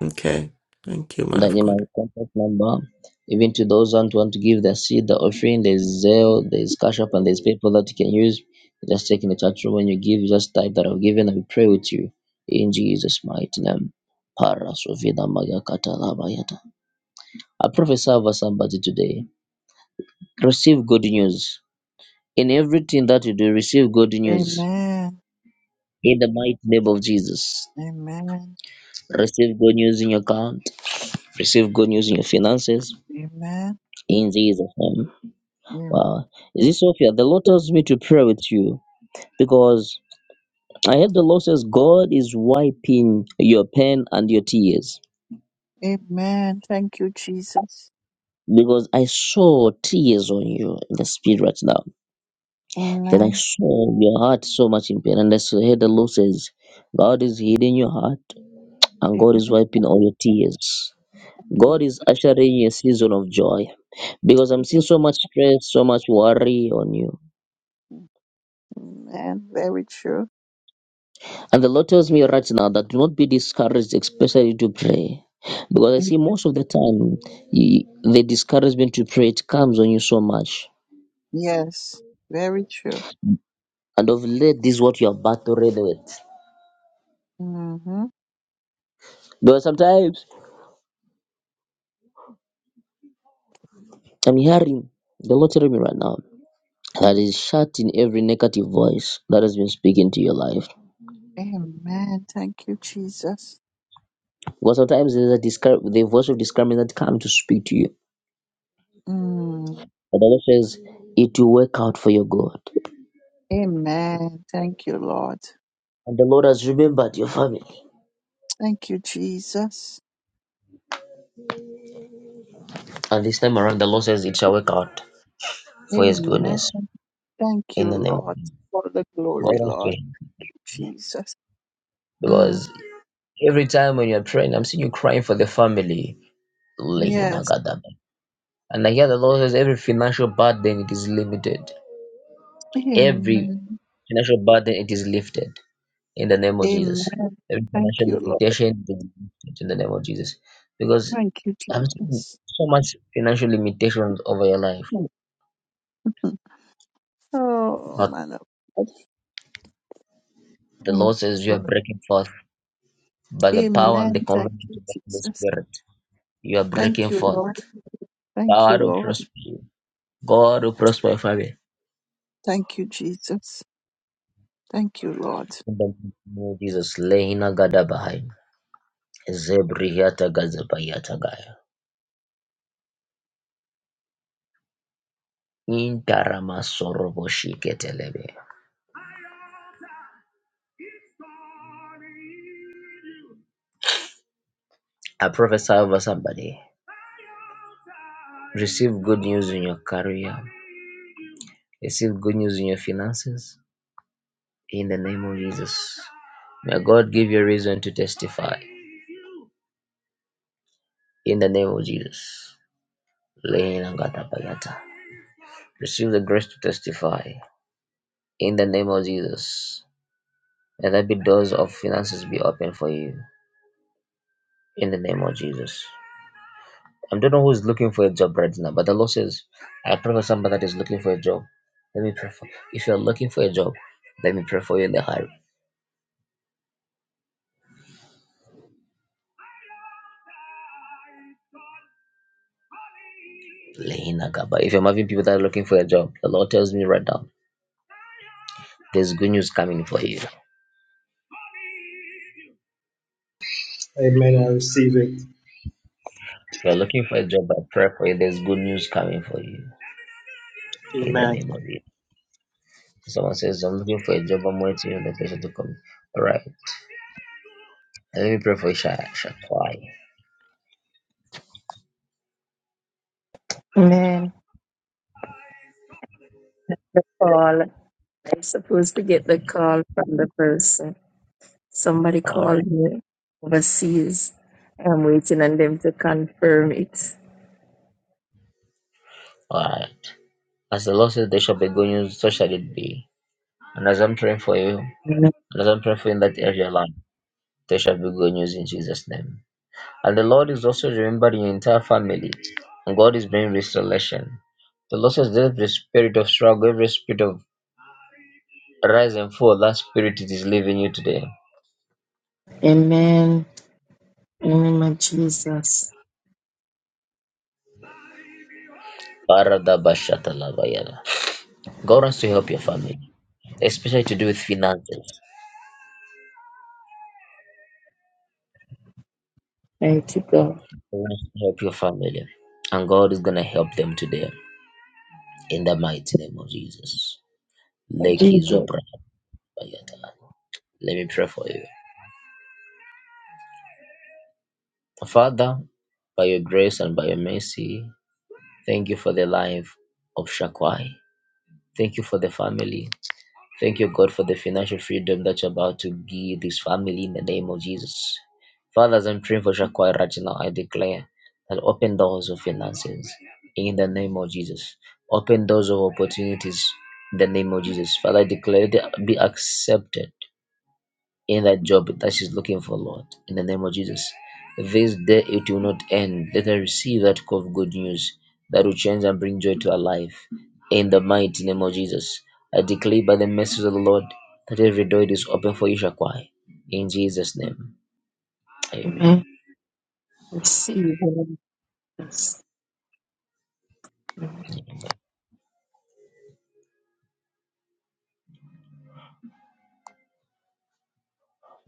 F: Okay. Thank you, man
A: that
F: of
A: you
F: God.
A: might contact number, even to those who don't want to give their seed, the offering, there's Zelle, there's Cash App, and there's PayPal that you can use. You Just take in the chat room when you give, you just type that I've given and we pray with you. In Jesus' mighty name. Para sovina maga kata laba yata. I prophesy over somebody today. Receive good news. In everything that you do, receive good news.
D: Amen.
A: In the mighty name of Jesus.
D: Amen.
A: Receive good news in your account. Receive good news in your finances.
D: Amen.
A: In Jesus' name.
D: Amen.
A: Wow. Is this Sophia? The Lord tells me to pray with you because I heard the Lord says God is wiping your pain and your tears.
D: Amen. Thank you, Jesus.
A: Because I saw tears on you in the spirit right now. Then I
D: Amen.
A: saw your heart so much in pain. And I s- heard the Lord says, God is healing your heart and God
D: Amen.
A: is wiping all your tears. God is ushering a season of joy. Because I'm seeing so much stress, so much worry on you
D: Amen. Very true.
A: And the Lord tells me right now that do not be discouraged, especially to pray. Because I see most of the time you, the discouragement to pray it comes on you so much.
D: Yes. Very true.
A: And of late, this is what you are battled with.
D: Mm-hmm.
A: Because sometimes I'm hearing the Lord telling me right now that is shutting every negative voice that has been speaking to your life.
D: Amen. Thank you, Jesus.
A: Because sometimes there's a discour- the voice of discouragement that comes to speak to you.
D: Mm.
A: But the Lord says it will work out for your good.
D: Amen. Thank you, Lord.
A: And the Lord has remembered your family.
D: Thank you, Jesus.
A: And this time around, the Lord says it shall work out for His
D: Amen.
A: goodness
D: Thank
A: in
D: you,
A: the name
D: Lord,
A: of
D: for the
A: God.
D: glory,
A: I
D: Lord
A: pray.
D: Jesus. Mm,
A: Because every time when you're praying, I'm seeing you crying for the family.
D: yes.
A: Lehinagadaba. And I hear the Lord says every financial burden it is limited. Every
D: Amen.
A: financial burden it is lifted in the name of
D: Amen.
A: Jesus. Every
D: Thank
A: financial
D: you, Lord.
A: limitation it is lifted in the name of Jesus. Because
D: Thank you,
A: I'm seeing
D: Jesus.
A: so much financial limitations over your life,
D: Mm, mm. Oh,
A: but
D: man of God.
A: the
D: Mm,
A: Lord says you
D: so-
A: are breaking forth by the power and the
D: Amen. Thank you,
A: conviction of the
D: Jesus.
A: Spirit. You are
D: Thank
A: breaking
D: you,
A: forth.
D: Lord. Thank you,
A: God will
D: Lord.
A: prosper you. God will prosper your family.
D: Thank you, Jesus. Thank you, Lord.
A: In the name of Jesus, Leina Gadabahai, Zebrihata Gazabayata Gaya, Intarama Sorobo Shiketelebe. I prophesy over somebody. Receive good news in your career. Receive good news in your finances. In the name of Jesus. May God give you a reason to testify. In the name of Jesus. Leina Gadabayata. Receive the grace to testify. In the name of Jesus. Let there be doors of finances be open for you. In the name of Jesus. I don't know who is looking for a job right now, but the Lord says, I pray for somebody that is looking for a job. Let me pray for you. If you're looking for a job, let me pray for you in the hurry. Lehina Gaba. If you are having people that are looking for a job, the Lord tells me right now, there's good news coming for you. If
G: Amen. I receive it.
A: you're looking for a job, I pray for you, there's good news coming for you. In the
G: Amen.
A: name of Jesus. Someone says, I'm looking for a job, I'm waiting on the person to come. All right. Let me pray for Isha- Shakwai.
E: Amen. the call. I'm supposed to get the call from the person. Somebody called
A: Alright,
E: me overseas. I'm waiting on them to confirm it.
A: alright. As the Lord says, they shall be good news, so shall it be. And as I'm praying for you, and
E: Amen.
A: as I'm praying for you in that area, Lord, there shall be good news in Jesus' name. And the Lord is also remembering your entire family, and God is bringing restoration. The Lord says, every spirit of struggle, every spirit of rise and fall, that spirit it is leaving you today.
E: In the name of Jesus.
A: Baradabashatalabayada. God wants to help your family, especially to do with finances.
E: Thank you, God.
A: You're gonna help your family, and God is gonna help them today in the mighty name of Jesus. Leki
E: Jesus,
A: Zobra Bayatani. Let me pray for you, Father, by your grace and by your mercy. Thank you for the life of Shakwai. Thank you for the family. Thank you, God, for the financial freedom that you're about to give this family in the name of Jesus. Father, as I'm praying for Shakwai right now, I declare that open doors of finances in the name of Jesus. Open doors of opportunities in the name of Jesus. Father, I declare that be accepted in that job that she's looking for, Lord, in the name of Jesus. This day it will not end. Let her receive that call of good news that will change and bring joy to her life. In the mighty name of Jesus, I declare by the message of the Lord that every door is open for you, Shakwai. In Jesus' name, Amen.
E: Amen. receive.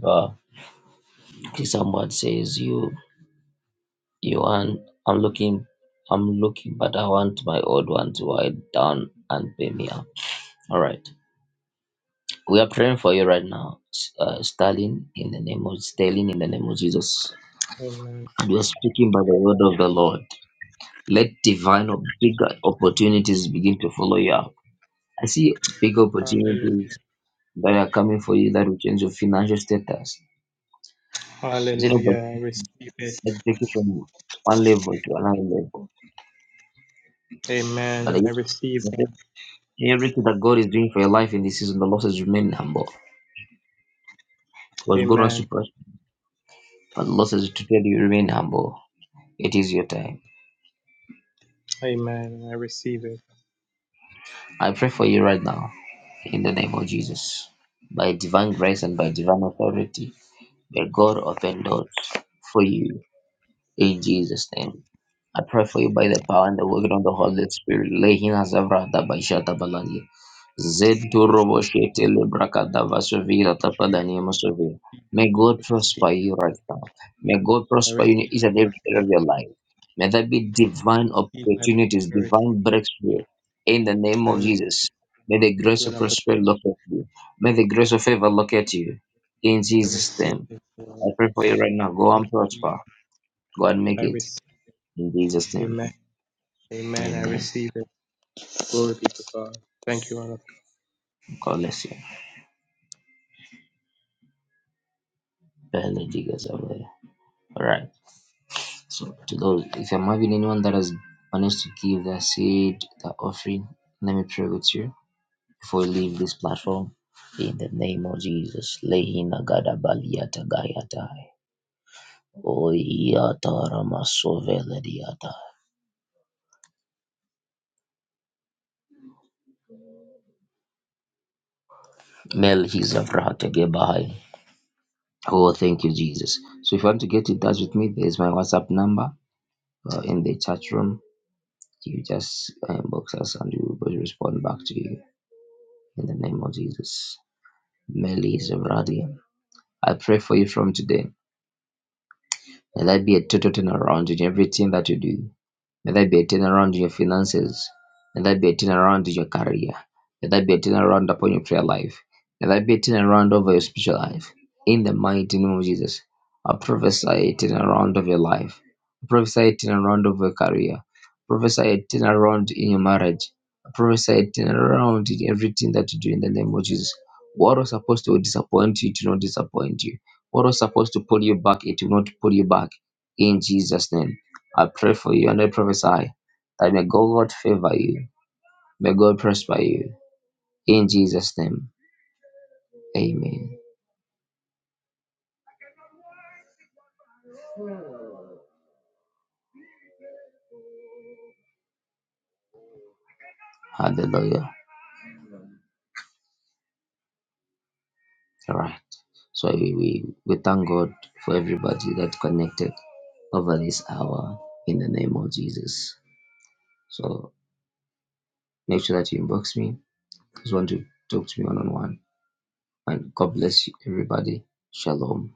A: Wow. Okay, someone says you you want I'm looking I'm looking, but I want my old one to write down and pay me up. All right. We are praying for you right now, uh, Stalin, in the name of Stalin, in the name of Jesus.
G: Amen.
A: And we are speaking by the word of the Lord. Let divine or big opportunities begin to follow you up. I see big
G: Hallelujah.
A: opportunities that are coming for you that will change your financial status. You know,
G: Hallelujah.
A: but
G: I receive it.
A: let's take it from one level to another level. But I
G: Amen. I receive
A: I
G: that.
A: said, everything that God is doing for your life in this season, the Lord says remain humble. Because God wants
G: Amen.
A: to prosper, but the Lord says to tell you remain humble. It is your time.
G: Amen. I receive it.
A: I pray for you right now in the name of Jesus. By divine grace and by divine authority, may God open doors for you in Jesus' name. I pray for you by the power and the working of the Holy Spirit. Lehina zavrata baishata balani. Zetu robo shete lebrakata vasovira
G: Thank you, Jesus.
A: tapadani
G: Thank
A: masovira.
G: you, Jesus.
A: May God
G: I receive
A: prosper
G: it.
A: you right
G: Lord.
A: now. May God
G: I
A: prosper you in
G: receive
A: each
G: my
A: and every area of
G: prosperity.
A: your life. May there be divine
G: I receive my
A: opportunities,
G: prosperity.
A: divine breakthrough in the name
G: I
A: of
G: receive
A: Jesus.
G: it.
A: May the grace
G: an
A: of prosperity
G: opportunity.
A: look at you. May the grace of favor look at you. In
G: I
A: Jesus'
G: receive
A: name.
G: it,
A: I
G: Lord.
A: pray for you right now. Go
G: Thank
A: and
G: you, Jesus.
A: prosper. Go and
G: I
A: make it.
G: receive it.
A: In Jesus' name,
G: Amen. Amen. I
A: Amen.
G: receive it. Glory be to God. Thank you, Lord.
A: God bless you. Biology goes away. All right. So to those, if I'm having anyone that has managed to give their seed, their offering, let me pray with you before we leave this platform. In the name of Jesus, Lehina Gada Baliata Gayatai. Oiyata Ramasoveliata. Mel Hizavrata Gebai. Oh, thank you, Jesus. So if you want to get in touch with me, there's my WhatsApp number uh, in the chat room You just inbox us and we will respond back to you in the name of Jesus. Meli Zevradian. I pray for you from today. Let that be a total turnaround in everything that you do. May there be a turnaround in your finances. May there be a turnaround in your career. May there be a turnaround upon your prayer life. May there be a turnaround over your spiritual life. In the mighty name of Jesus, I prophesy a turnaround of your life. I prophesy a turnaround of your career. I prophesy a turnaround in your marriage. I prophesy a turnaround in everything that you do in the name of Jesus. What was supposed to disappoint you, it will not disappoint you. What was supposed to pull you back, it will not pull you back. In Jesus' name. I pray for you and I prophesy that may God favor you. May God prosper you. In Jesus' name, amen. Hallelujah. All right. So we, we, we thank God for everybody that connected over this hour in the name of Jesus. So make sure that you inbox me. Just want to talk to me one on one. And God bless you, everybody. Shalom.